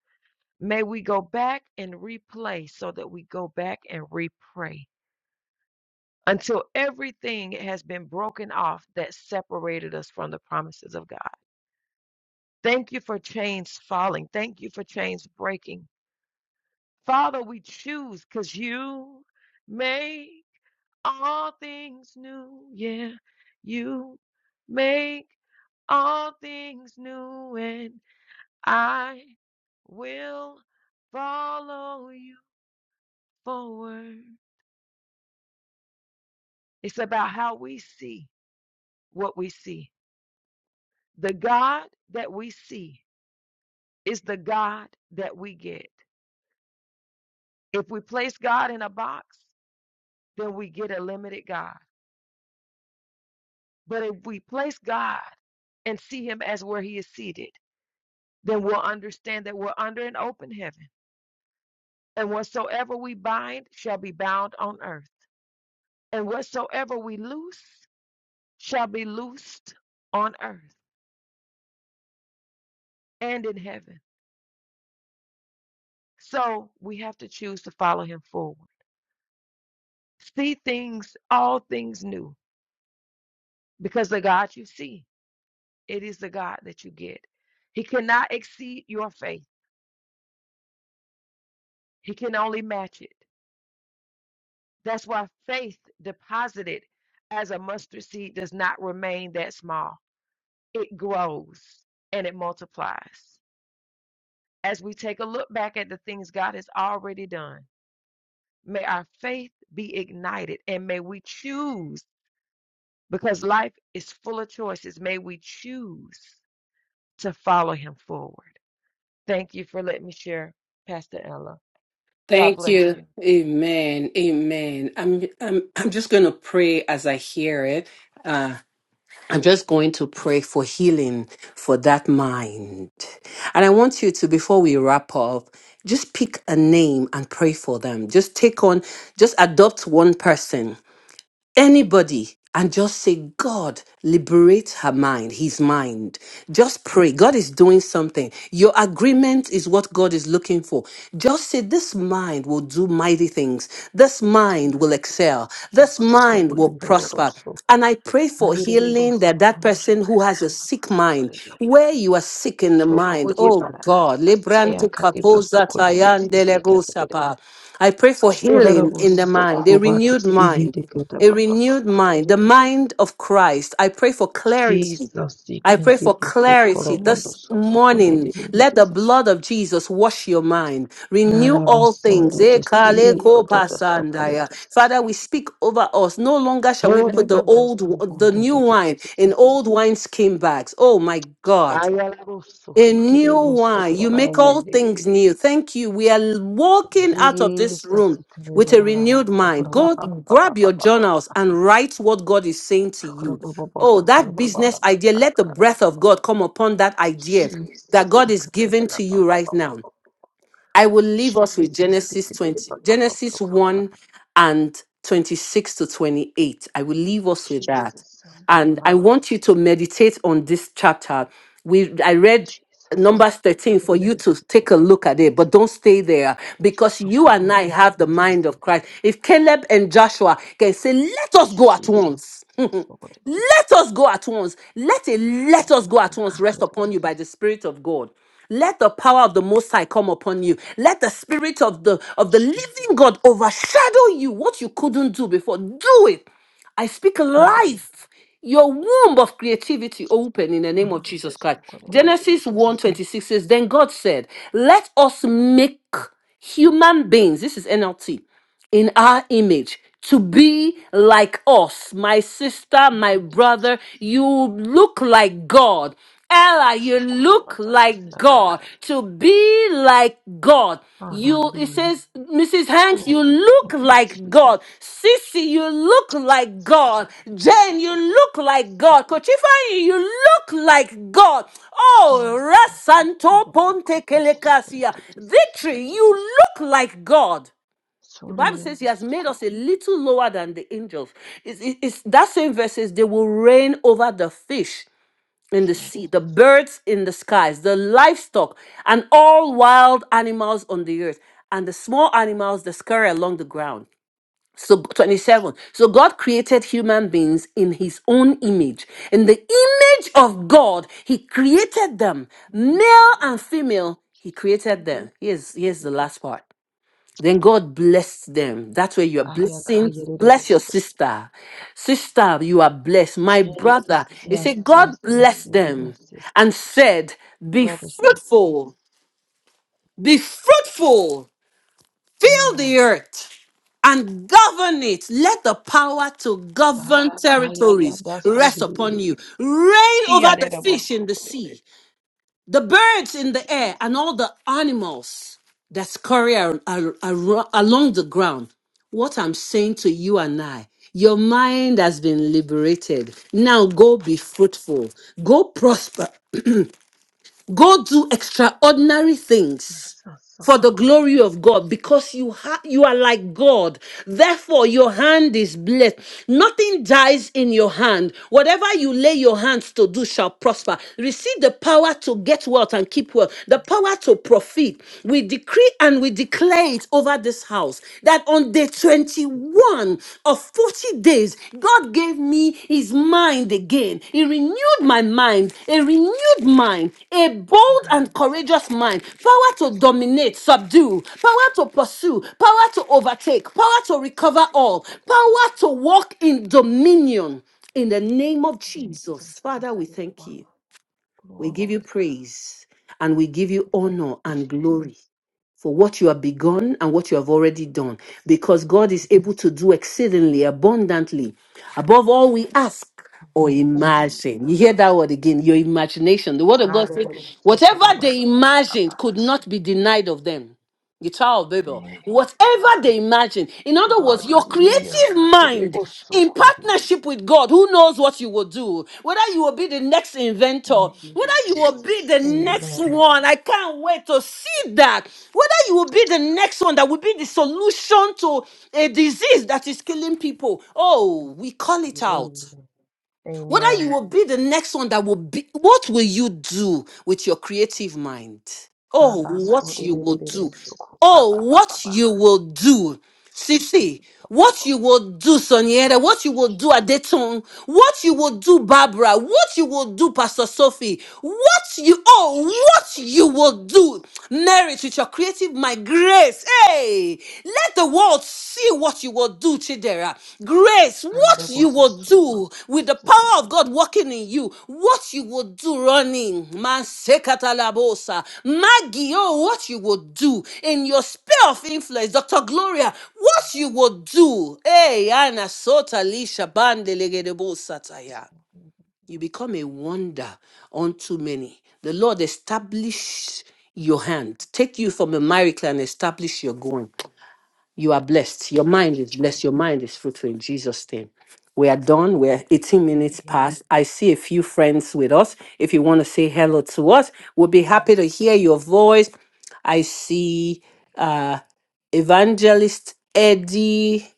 [SPEAKER 3] May we go back and replay so that we go back and repray until everything has been broken off that separated us from the promises of God. Thank you for chains falling. Thank you for chains breaking. Father, we choose because you may. all things new. Yeah, you make all things new, and I will follow you forward. It's about how we see what we see. The God that we see is the God that we get. If we place God in a box, then we get a limited God. But if we place God and see Him as where He is seated, then we'll understand that we're under an open heaven And whatsoever we bind shall be bound on earth, and whatsoever we loose shall be loosed on earth and in heaven. So we have to choose to follow him forward. See things, all things new, because the God you see, it is the God that you get. He cannot exceed your faith, He can only match it. That's why faith deposited as a mustard seed does not remain that small, it grows and it multiplies. as we take a look back at the things God has already done, may our faith be ignited and may we choose, because life is full of choices, may we choose to follow Him forward. Thank you for letting me share, Pastor Ella. God
[SPEAKER 1] Thank
[SPEAKER 3] bless
[SPEAKER 1] you.
[SPEAKER 3] you.
[SPEAKER 1] Amen. Amen. I'm I'm I'm just gonna pray as I hear it. Uh I'm just going to pray for healing for that mind. And I want you to, before we wrap up, just pick a name and pray for them. Just take on, just adopt one person. anybody and just say, God, liberate her mind, his mind. Just pray. God is doing something. Your agreement is what God is looking for. Just say, This mind will do mighty things. This mind will excel. This mind will prosper. And I pray for healing that that person who has a sick mind, where you are sick in the mind, oh God, Lebranto Kapoza Tayan Delebo
[SPEAKER 3] [laughs]
[SPEAKER 1] Sapa. I pray for healing in the mind, a renewed mind a renewed mind, the
[SPEAKER 3] Shularabosokobatesigedekatapapasokorededesi.
[SPEAKER 1] mind of Christ. I pray for clarity.
[SPEAKER 3] Jesus,
[SPEAKER 1] I pray for clarity this morning. Let the
[SPEAKER 3] ikendibosokoramondosofokondedemindedesi.
[SPEAKER 1] blood of Jesus wash your mind. Renew all things. Eh, kale ko pasandaya. Father,
[SPEAKER 3] Kalabasondodesiekodatasokoredasai.
[SPEAKER 1] we speak over us. No longer shall we put the old, the new wine in
[SPEAKER 3] Shorebandosokondedemindedesi.
[SPEAKER 1] old wine skin bags. Oh my God. A new one. You make all things
[SPEAKER 3] Ayalabosohikerebosokobalayendererere.
[SPEAKER 1] new. Thank you. We are walking out of this
[SPEAKER 3] Jesus,
[SPEAKER 1] room with a renewed mind. Go grab your journals
[SPEAKER 3] ikendebararabasokorababababababasa.
[SPEAKER 1] and write what God is saying to you. Oh, that business idea, let the breath
[SPEAKER 3] Sokorabababasokobabababasa.
[SPEAKER 1] of God come upon that
[SPEAKER 3] Jesus,
[SPEAKER 1] idea
[SPEAKER 3] Jesus,
[SPEAKER 1] that God is giving to you right now. I will leave us with Genesis
[SPEAKER 3] Jesus,
[SPEAKER 1] 20, Genesis 1 and 26 to 28. I will leave us with
[SPEAKER 3] Jesus,
[SPEAKER 1] that. And I want you to meditate on this chapter. We I read
[SPEAKER 3] Jesus,
[SPEAKER 1] Numbers 13 for you to take a look at it, but don't stay there because you and I have the mind of Christ. If Caleb and Joshua can say, Let us go at once.
[SPEAKER 3] so what it is,
[SPEAKER 1] Let us go at once. Let a let us
[SPEAKER 3] I
[SPEAKER 1] go at once
[SPEAKER 3] can't do
[SPEAKER 1] rest upon you
[SPEAKER 3] those.
[SPEAKER 1] by the Spirit of God. Let the power of the Most High come upon you. Let the Spirit of the of the
[SPEAKER 3] Jesus.
[SPEAKER 1] Living God overshadow you. What you couldn't do before, do it. I speak
[SPEAKER 3] Mm.
[SPEAKER 1] life. Your womb of creativity open in the name
[SPEAKER 3] Oh,
[SPEAKER 1] of
[SPEAKER 3] that was
[SPEAKER 1] Jesus Christ.
[SPEAKER 3] so good. I did it the
[SPEAKER 1] Genesis one
[SPEAKER 3] same.
[SPEAKER 1] twenty six says, Then God said, Let us make human beings. This is NLT in our image to be like us my sister
[SPEAKER 3] Thank you,
[SPEAKER 1] my
[SPEAKER 3] Jesus.
[SPEAKER 1] brother you look like god Ella, you
[SPEAKER 3] Sure could have
[SPEAKER 1] look
[SPEAKER 3] added this,
[SPEAKER 1] like
[SPEAKER 3] that guy,
[SPEAKER 1] God.
[SPEAKER 3] that-
[SPEAKER 1] To be like God. You, it
[SPEAKER 3] Hallelujah.
[SPEAKER 1] says, Mrs. Hanks,
[SPEAKER 3] Mm.
[SPEAKER 1] you look
[SPEAKER 3] Thank you,
[SPEAKER 1] like God.
[SPEAKER 3] Jesus.
[SPEAKER 1] Sissy, you look like God.
[SPEAKER 3] Sarada
[SPEAKER 1] Jane, you
[SPEAKER 3] Sokora
[SPEAKER 1] look like
[SPEAKER 3] Didasi.
[SPEAKER 1] God. Kochifani, you look like God.
[SPEAKER 3] Jesus
[SPEAKER 1] Oh, Rasanto
[SPEAKER 3] Sokoda
[SPEAKER 1] Ponte
[SPEAKER 3] Bokobo Sokora
[SPEAKER 1] Kelekasia.
[SPEAKER 3] Didasi
[SPEAKER 1] Victory,
[SPEAKER 3] Kadidasi.
[SPEAKER 1] you look like God. The Bible
[SPEAKER 3] Sorida
[SPEAKER 1] says he has made
[SPEAKER 3] Sokora
[SPEAKER 1] us a little lower than the angels. It's, it's, it's- that same verse says they will reign over the fish in the sea, the
[SPEAKER 3] Jesus.
[SPEAKER 1] birds in the skies, the livestock, and all wild animals on the earth, and the small animals that scurry along the ground. So, 27. So, God created human beings in his own image. In the image of God, he created them, male
[SPEAKER 3] Lord
[SPEAKER 1] and female, he
[SPEAKER 3] Jesus.
[SPEAKER 1] created them. Here's, here's the last part. Then God bless them. That way you are blessing. Bless your
[SPEAKER 3] Boso.
[SPEAKER 1] sister. Sister, you are blessed. My brother,
[SPEAKER 3] Jesus.
[SPEAKER 1] he
[SPEAKER 3] Yes,
[SPEAKER 1] said, God
[SPEAKER 3] yes, yes.
[SPEAKER 1] bless
[SPEAKER 3] You
[SPEAKER 1] them
[SPEAKER 3] bless
[SPEAKER 1] and
[SPEAKER 3] sisters.
[SPEAKER 1] said, Be
[SPEAKER 3] Brothers, you bless.
[SPEAKER 1] fruitful, be fruitful, fill
[SPEAKER 3] Mm.
[SPEAKER 1] the earth and govern it. Let the power to govern
[SPEAKER 3] Galakaya
[SPEAKER 1] territories
[SPEAKER 3] Dada So
[SPEAKER 1] rest upon you.
[SPEAKER 3] Didididididi.
[SPEAKER 1] Reign over the
[SPEAKER 3] Iyarida
[SPEAKER 1] fish
[SPEAKER 3] Boso
[SPEAKER 1] in the
[SPEAKER 3] Kodida.
[SPEAKER 1] sea the birds in the air
[SPEAKER 3] Jesus.
[SPEAKER 1] and all the animals that scurry ar- ar- ar- along the ground. What I'm saying to you and I, your mind has been liberated. Now go be fruitful, go prosper, Go do extraordinary things
[SPEAKER 3] Jesus
[SPEAKER 1] for the
[SPEAKER 3] Sokora
[SPEAKER 1] glory of God because you ha- you are like God. Therefore your hand is blessed. Nothing dies in your hand. Whatever you lay your hands to do shall prosper. Receive the power to get wealth and keep wealth. The power to profit. We decree and we declare it over this house that on day 21 of 40 days, God gave me his mind again. He renewed my mind, a renewed mind, a bold
[SPEAKER 3] Kayara
[SPEAKER 1] and
[SPEAKER 3] boso
[SPEAKER 1] courageous mind,
[SPEAKER 3] kodelele
[SPEAKER 1] power
[SPEAKER 3] boso
[SPEAKER 1] to dominate,
[SPEAKER 3] kodelele.
[SPEAKER 1] subdue, power to pursue, power to overtake, power to
[SPEAKER 3] Ayara
[SPEAKER 1] recover
[SPEAKER 3] sekite
[SPEAKER 1] all, power
[SPEAKER 3] boso.
[SPEAKER 1] to walk in dominion. In the name of
[SPEAKER 3] Jesus,
[SPEAKER 1] Jesus,
[SPEAKER 3] thank
[SPEAKER 1] Father, we
[SPEAKER 3] you,
[SPEAKER 1] thank you.
[SPEAKER 3] Father.
[SPEAKER 1] We
[SPEAKER 3] Glory to
[SPEAKER 1] give you
[SPEAKER 3] God.
[SPEAKER 1] praise and we give you
[SPEAKER 3] Thank you,
[SPEAKER 1] honor and glory
[SPEAKER 3] Jesus.
[SPEAKER 1] for what you have begun and what you have already done, because God
[SPEAKER 3] Yes,
[SPEAKER 1] is able
[SPEAKER 3] yes,
[SPEAKER 1] to do exceedingly abundantly above all we ask or
[SPEAKER 3] Thank you,
[SPEAKER 1] imagine. You
[SPEAKER 3] Jesus.
[SPEAKER 1] hear that word again, your imagination. The word of God says,
[SPEAKER 3] Ayara boso
[SPEAKER 1] whatever
[SPEAKER 3] kodelele.
[SPEAKER 1] they imagined could not be denied of them the Tower of Babel,
[SPEAKER 3] Thank you, Father.
[SPEAKER 1] whatever they imagine. In other words, your
[SPEAKER 3] Hallelujah.
[SPEAKER 1] creative
[SPEAKER 3] Kede
[SPEAKER 1] mind
[SPEAKER 3] boso
[SPEAKER 1] in
[SPEAKER 3] kodelele.
[SPEAKER 1] partnership with God, who knows what you will do, whether you will be the next inventor,
[SPEAKER 3] Thank you,
[SPEAKER 1] whether you will be
[SPEAKER 3] Jesus.
[SPEAKER 1] the next
[SPEAKER 3] Amen.
[SPEAKER 1] one. I can't wait to see that. Whether you will be the next one that will be the solution to a disease that is killing people. Oh, we call it out.
[SPEAKER 3] Amen.
[SPEAKER 1] Whether you
[SPEAKER 3] Amen.
[SPEAKER 1] will be the next one that will be, what will you do with your creative mind?
[SPEAKER 3] Ma
[SPEAKER 1] Oh,
[SPEAKER 3] so
[SPEAKER 1] what
[SPEAKER 3] de
[SPEAKER 1] you
[SPEAKER 3] de
[SPEAKER 1] will
[SPEAKER 3] de de de
[SPEAKER 1] do.
[SPEAKER 3] so cool. ba
[SPEAKER 1] Oh,
[SPEAKER 3] ba ba ba
[SPEAKER 1] what
[SPEAKER 3] ba.
[SPEAKER 1] you will do.
[SPEAKER 3] So
[SPEAKER 1] Sisi,
[SPEAKER 3] ba ba
[SPEAKER 1] what you will do, Soniera, what you will do,
[SPEAKER 3] Jesus.
[SPEAKER 1] Adeton, what you will do, Barbara, what you will do, Pastor Sophie, what you, oh,
[SPEAKER 3] So ko
[SPEAKER 1] what
[SPEAKER 3] de
[SPEAKER 1] you
[SPEAKER 3] de de
[SPEAKER 1] will
[SPEAKER 3] de.
[SPEAKER 1] do, Merit, with your creative, my grace. Hey, let the world see what you will do, Chidera. Grace. Yes,
[SPEAKER 3] Ande
[SPEAKER 1] what
[SPEAKER 3] bo
[SPEAKER 1] you
[SPEAKER 3] so
[SPEAKER 1] will
[SPEAKER 3] da ba
[SPEAKER 1] do
[SPEAKER 3] ba ba
[SPEAKER 1] with the
[SPEAKER 3] so da
[SPEAKER 1] power of God
[SPEAKER 3] ba
[SPEAKER 1] working
[SPEAKER 3] so cool.
[SPEAKER 1] in you, what you will do running, man sekatalabosa, Magio, what you will do in your sphere of influence, Dr. Gloria, what you will do, hey, Anna Sota Lisha Bandelegedebosa
[SPEAKER 3] so
[SPEAKER 1] Taya.
[SPEAKER 3] da ba ba
[SPEAKER 1] You
[SPEAKER 3] ba.
[SPEAKER 1] become a wonder unto many. The Lord establish your hand, take you from a miracle and establish your going. You are blessed. Your mind is blessed. Your mind is fruitful in Jesus' name. We are done. We're 18 minutes
[SPEAKER 3] Amen.
[SPEAKER 1] past. I see a few friends with us. If you want to say hello to us, we'll be happy to hear your voice. I see uh, Evangelist Eddie.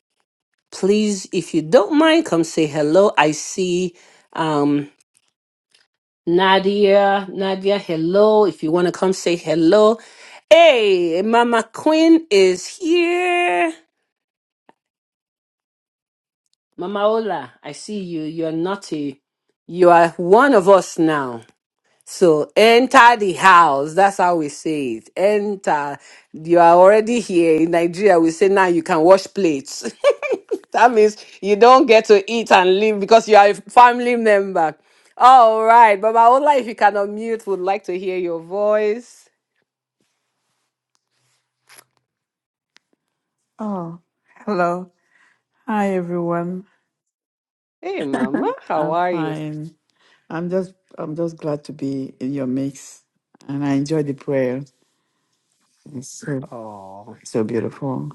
[SPEAKER 1] Please, if you don't mind, come say hello. I see um, Nadia. Nadia, hello. If you want to come say hello. Hey, Mama Queen is here. Mama Ola, I see you. You're naughty. You are one of us now. So enter the house. That's how we say it. Enter. You are already here. In Nigeria, we say now you can wash plates. [laughs] that means you don't get to eat and leave because you are a family member. All right. Mama Ola, if you can unmute, would like to hear your voice.
[SPEAKER 4] Oh, hello. Hi, everyone.
[SPEAKER 1] Hey, Mama, how
[SPEAKER 4] I'm
[SPEAKER 1] are you?
[SPEAKER 4] fine. I'm just, I'm just glad to be in your mix, and I enjoy the prayer. It's so,
[SPEAKER 1] Oh,
[SPEAKER 4] so beautiful.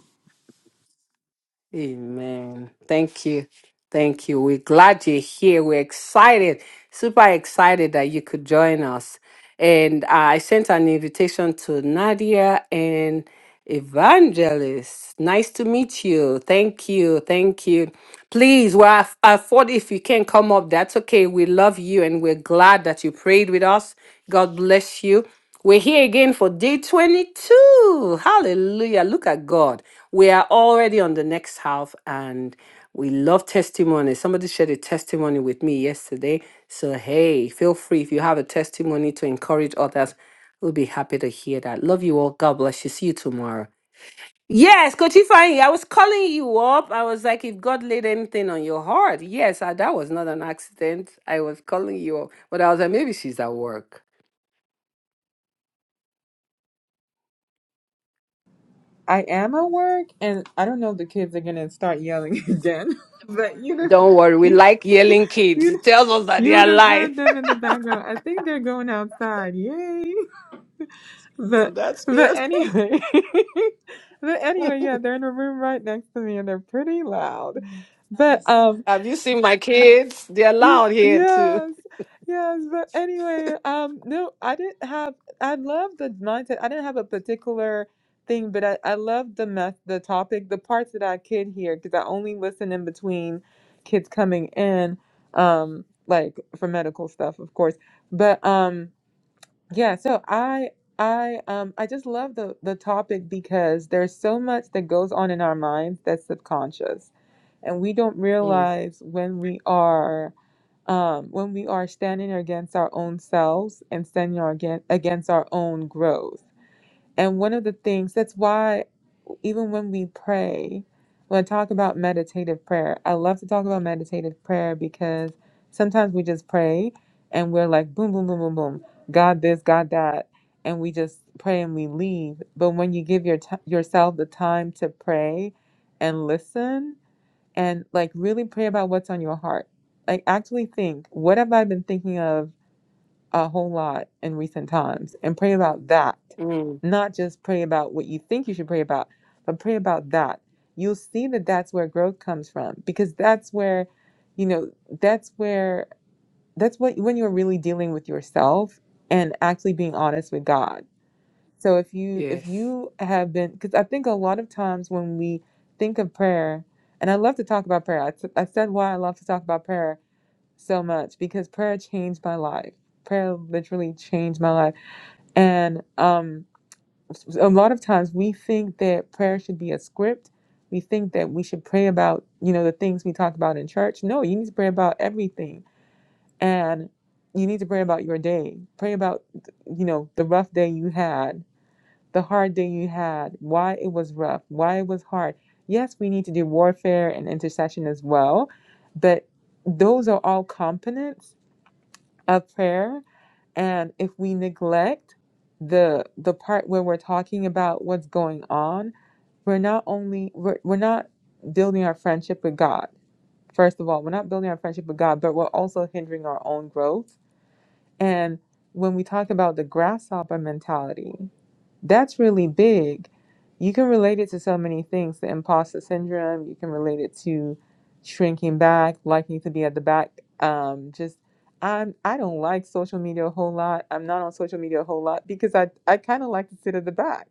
[SPEAKER 1] amen. Thank you. Thank you. We're glad you're here. We're excited Super excited that you could join us. And uh, I sent an invitation to Nadia and Evangelist. Nice to meet you. Thank you. Thank you. Please, we're at at If you can come up, that's okay. We love you and we're glad that you prayed with us. God bless you. We're here again for day 22. Hallelujah. Look at God. We are already on the next half and we love testimony. Somebody shared a testimony with me yesterday. So, hey, feel free if you have a testimony to encourage others. We'll be happy to hear that. Love you all. God bless you. See you tomorrow. Yes, Coach Ifeanyi, I was calling you up. I was like, if God laid anything on your heart. Yes, I, that was not an accident. I was calling you up. But I was like, maybe she's at work.
[SPEAKER 5] I am at work, and I don't know if the kids are gonna start yelling [laughs] again, but you'd have,
[SPEAKER 1] Don't worry. We
[SPEAKER 5] you,
[SPEAKER 1] like yelling kids.
[SPEAKER 5] you'd,
[SPEAKER 1] It tells us that they
[SPEAKER 5] you
[SPEAKER 1] are
[SPEAKER 5] would have heard
[SPEAKER 1] alive.
[SPEAKER 5] them in the background. I think they're going outside. Yay!
[SPEAKER 1] [laughs] well,
[SPEAKER 5] But
[SPEAKER 1] that's
[SPEAKER 5] but
[SPEAKER 1] good.
[SPEAKER 5] anyway, [laughs] but anyway, yeah, they're in a room right next to me, and they're pretty loud. But um,
[SPEAKER 1] [laughs] Have you seen my kids? They're
[SPEAKER 5] Y-
[SPEAKER 1] loud here too.
[SPEAKER 5] Yes, yes, but anyway, um, no, I didn't have. I love the mindset. I didn't have a particular thing, but I I love the meth, the topic, the parts that I could hear because I only listen in between kids coming in, um, like for medical stuff, of course. But um, yeah, so I I um I just love the the topic because there's so much that goes on in our minds that's subconscious and we don't
[SPEAKER 1] Mm,
[SPEAKER 5] realize when we are um, when we are standing against our own selves and standing our against, against our own growth. And one of the things that's why, even when we pray, when I talk about meditative prayer, I love to talk about meditative prayer because sometimes we just pray and we're like, boom, boom, boom, boom, boom, God this, God that. And we just pray and we leave. But when you give your t- yourself the time to pray and listen, and like really pray about what's on your heart. Like actually think, what have I been thinking of a whole lot in recent times? And pray about that.
[SPEAKER 1] mm.
[SPEAKER 5] Not just pray about what you think you should pray about, but pray about that. You'll see that that's where growth comes from because that's where, you know, that's where that's what when you're really dealing with yourself and actually being honest with God so if you if
[SPEAKER 1] Yes.
[SPEAKER 5] you have been, because I think a lot of times when we think of prayer, and I love to talk about prayer. I, t- I said why I love to talk about prayer so much because prayer changed my life. Prayer literally changed my life. And um, s- a lot of times we think that prayer should be a script. We think that we should pray about you know the things we talk about in church. No, you need to pray about everything, and you need to pray about your day. Pray about you know the rough day you had the hard day you had, why it was rough, why it was hard. Yes, we need to do warfare and intercession as well, but those are all components of prayer. And if we neglect the the part where we're talking about what's going on, we're not only we're, we're not building our friendship with God. First of all, we're not building our friendship with God, but we're also hindering our own growth. And when we talk about the grasshopper mentality, that's really big. You can relate it to so many things the imposter syndrome, you can relate it to shrinking back, liking to be at the back. Um, just, I'm, I don't like social media a whole lot. I'm not on social media a whole lot because I, I kind of like to sit at the back.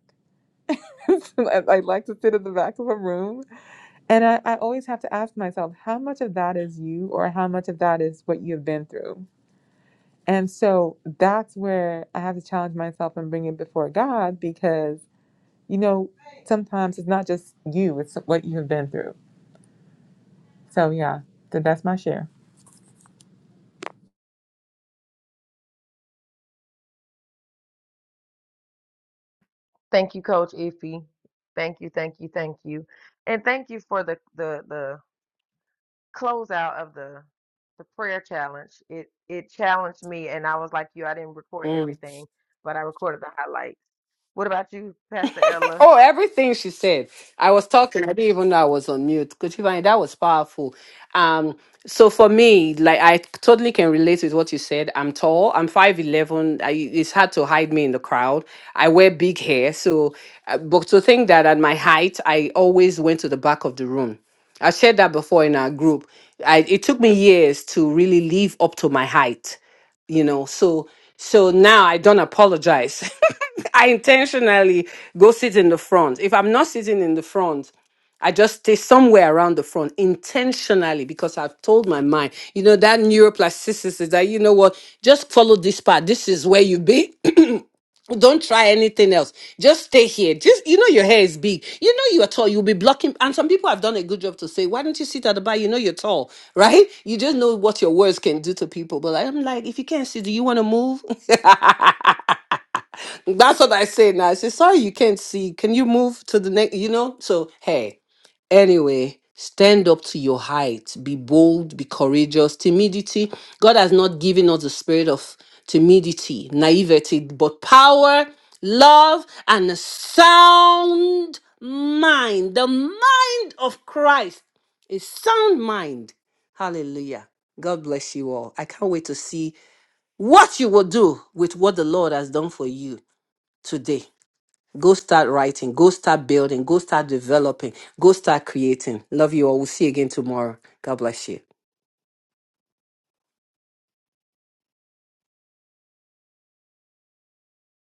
[SPEAKER 5] [laughs] I, I like to sit at the back of a room. And I, I always have to ask myself, how much of that is you or how much of that is what you've been through? And so that's where I have to challenge myself and bring it before God because you know, sometimes it's not just you, it's what you have been through. So, yeah, that's my share.
[SPEAKER 3] Thank you, Coach Ify. Thank you, thank you, thank you, and thank you for the the the closeout of the the prayer challenge, it it challenged me, and I was like you, I didn't record
[SPEAKER 1] Mm.
[SPEAKER 3] everything, but I recorded the highlights. What about you, Pastor Ella?
[SPEAKER 1] Oh, everything she said. I was talking. I didn't even know I was on mute. Could you find that was powerful? Um, so for me, like I totally can relate with what you said. I'm tall. I'm five eleven. I, It's hard to hide me in the crowd. I wear big hair, so uh, but to think that at my height, I always went to the back of the room. I shared that before in our group. I, it took me years to really live up to my height. you know so so now i don't apologize [laughs] i intentionally go sit in the front if i'm not sitting in the front i just stay somewhere around the front intentionally because i've told my mind you know that neuroplasticity that you know what just follow this path this is where you be [clears throat] don't try anything else. Just stay here. Just you know your hair is big. You know you're tall. You'll be blocking. And some people have done a good job to say, why don't you sit at the bar? You know you're tall, [laughs] right? You just know what your words can do to people. But I'm like, if you can't sit, do you want to move? [laughs] That's what I say now. I say, sorry, you can't see. Can you move to the next? You know? So, hey, anyway, stand up to your height. Be bold, be courageous. Timidity, God has not given us the spirit of timidity, naivety, but power, love, and a sound mind. The mind of Christ is sound mind. Hallelujah. God bless you all. I can't wait to see what you will do with what the Lord has done for you today. Go start writing, go start building, go start developing, go start creating. Love you all. We'll see you again tomorrow. God bless you.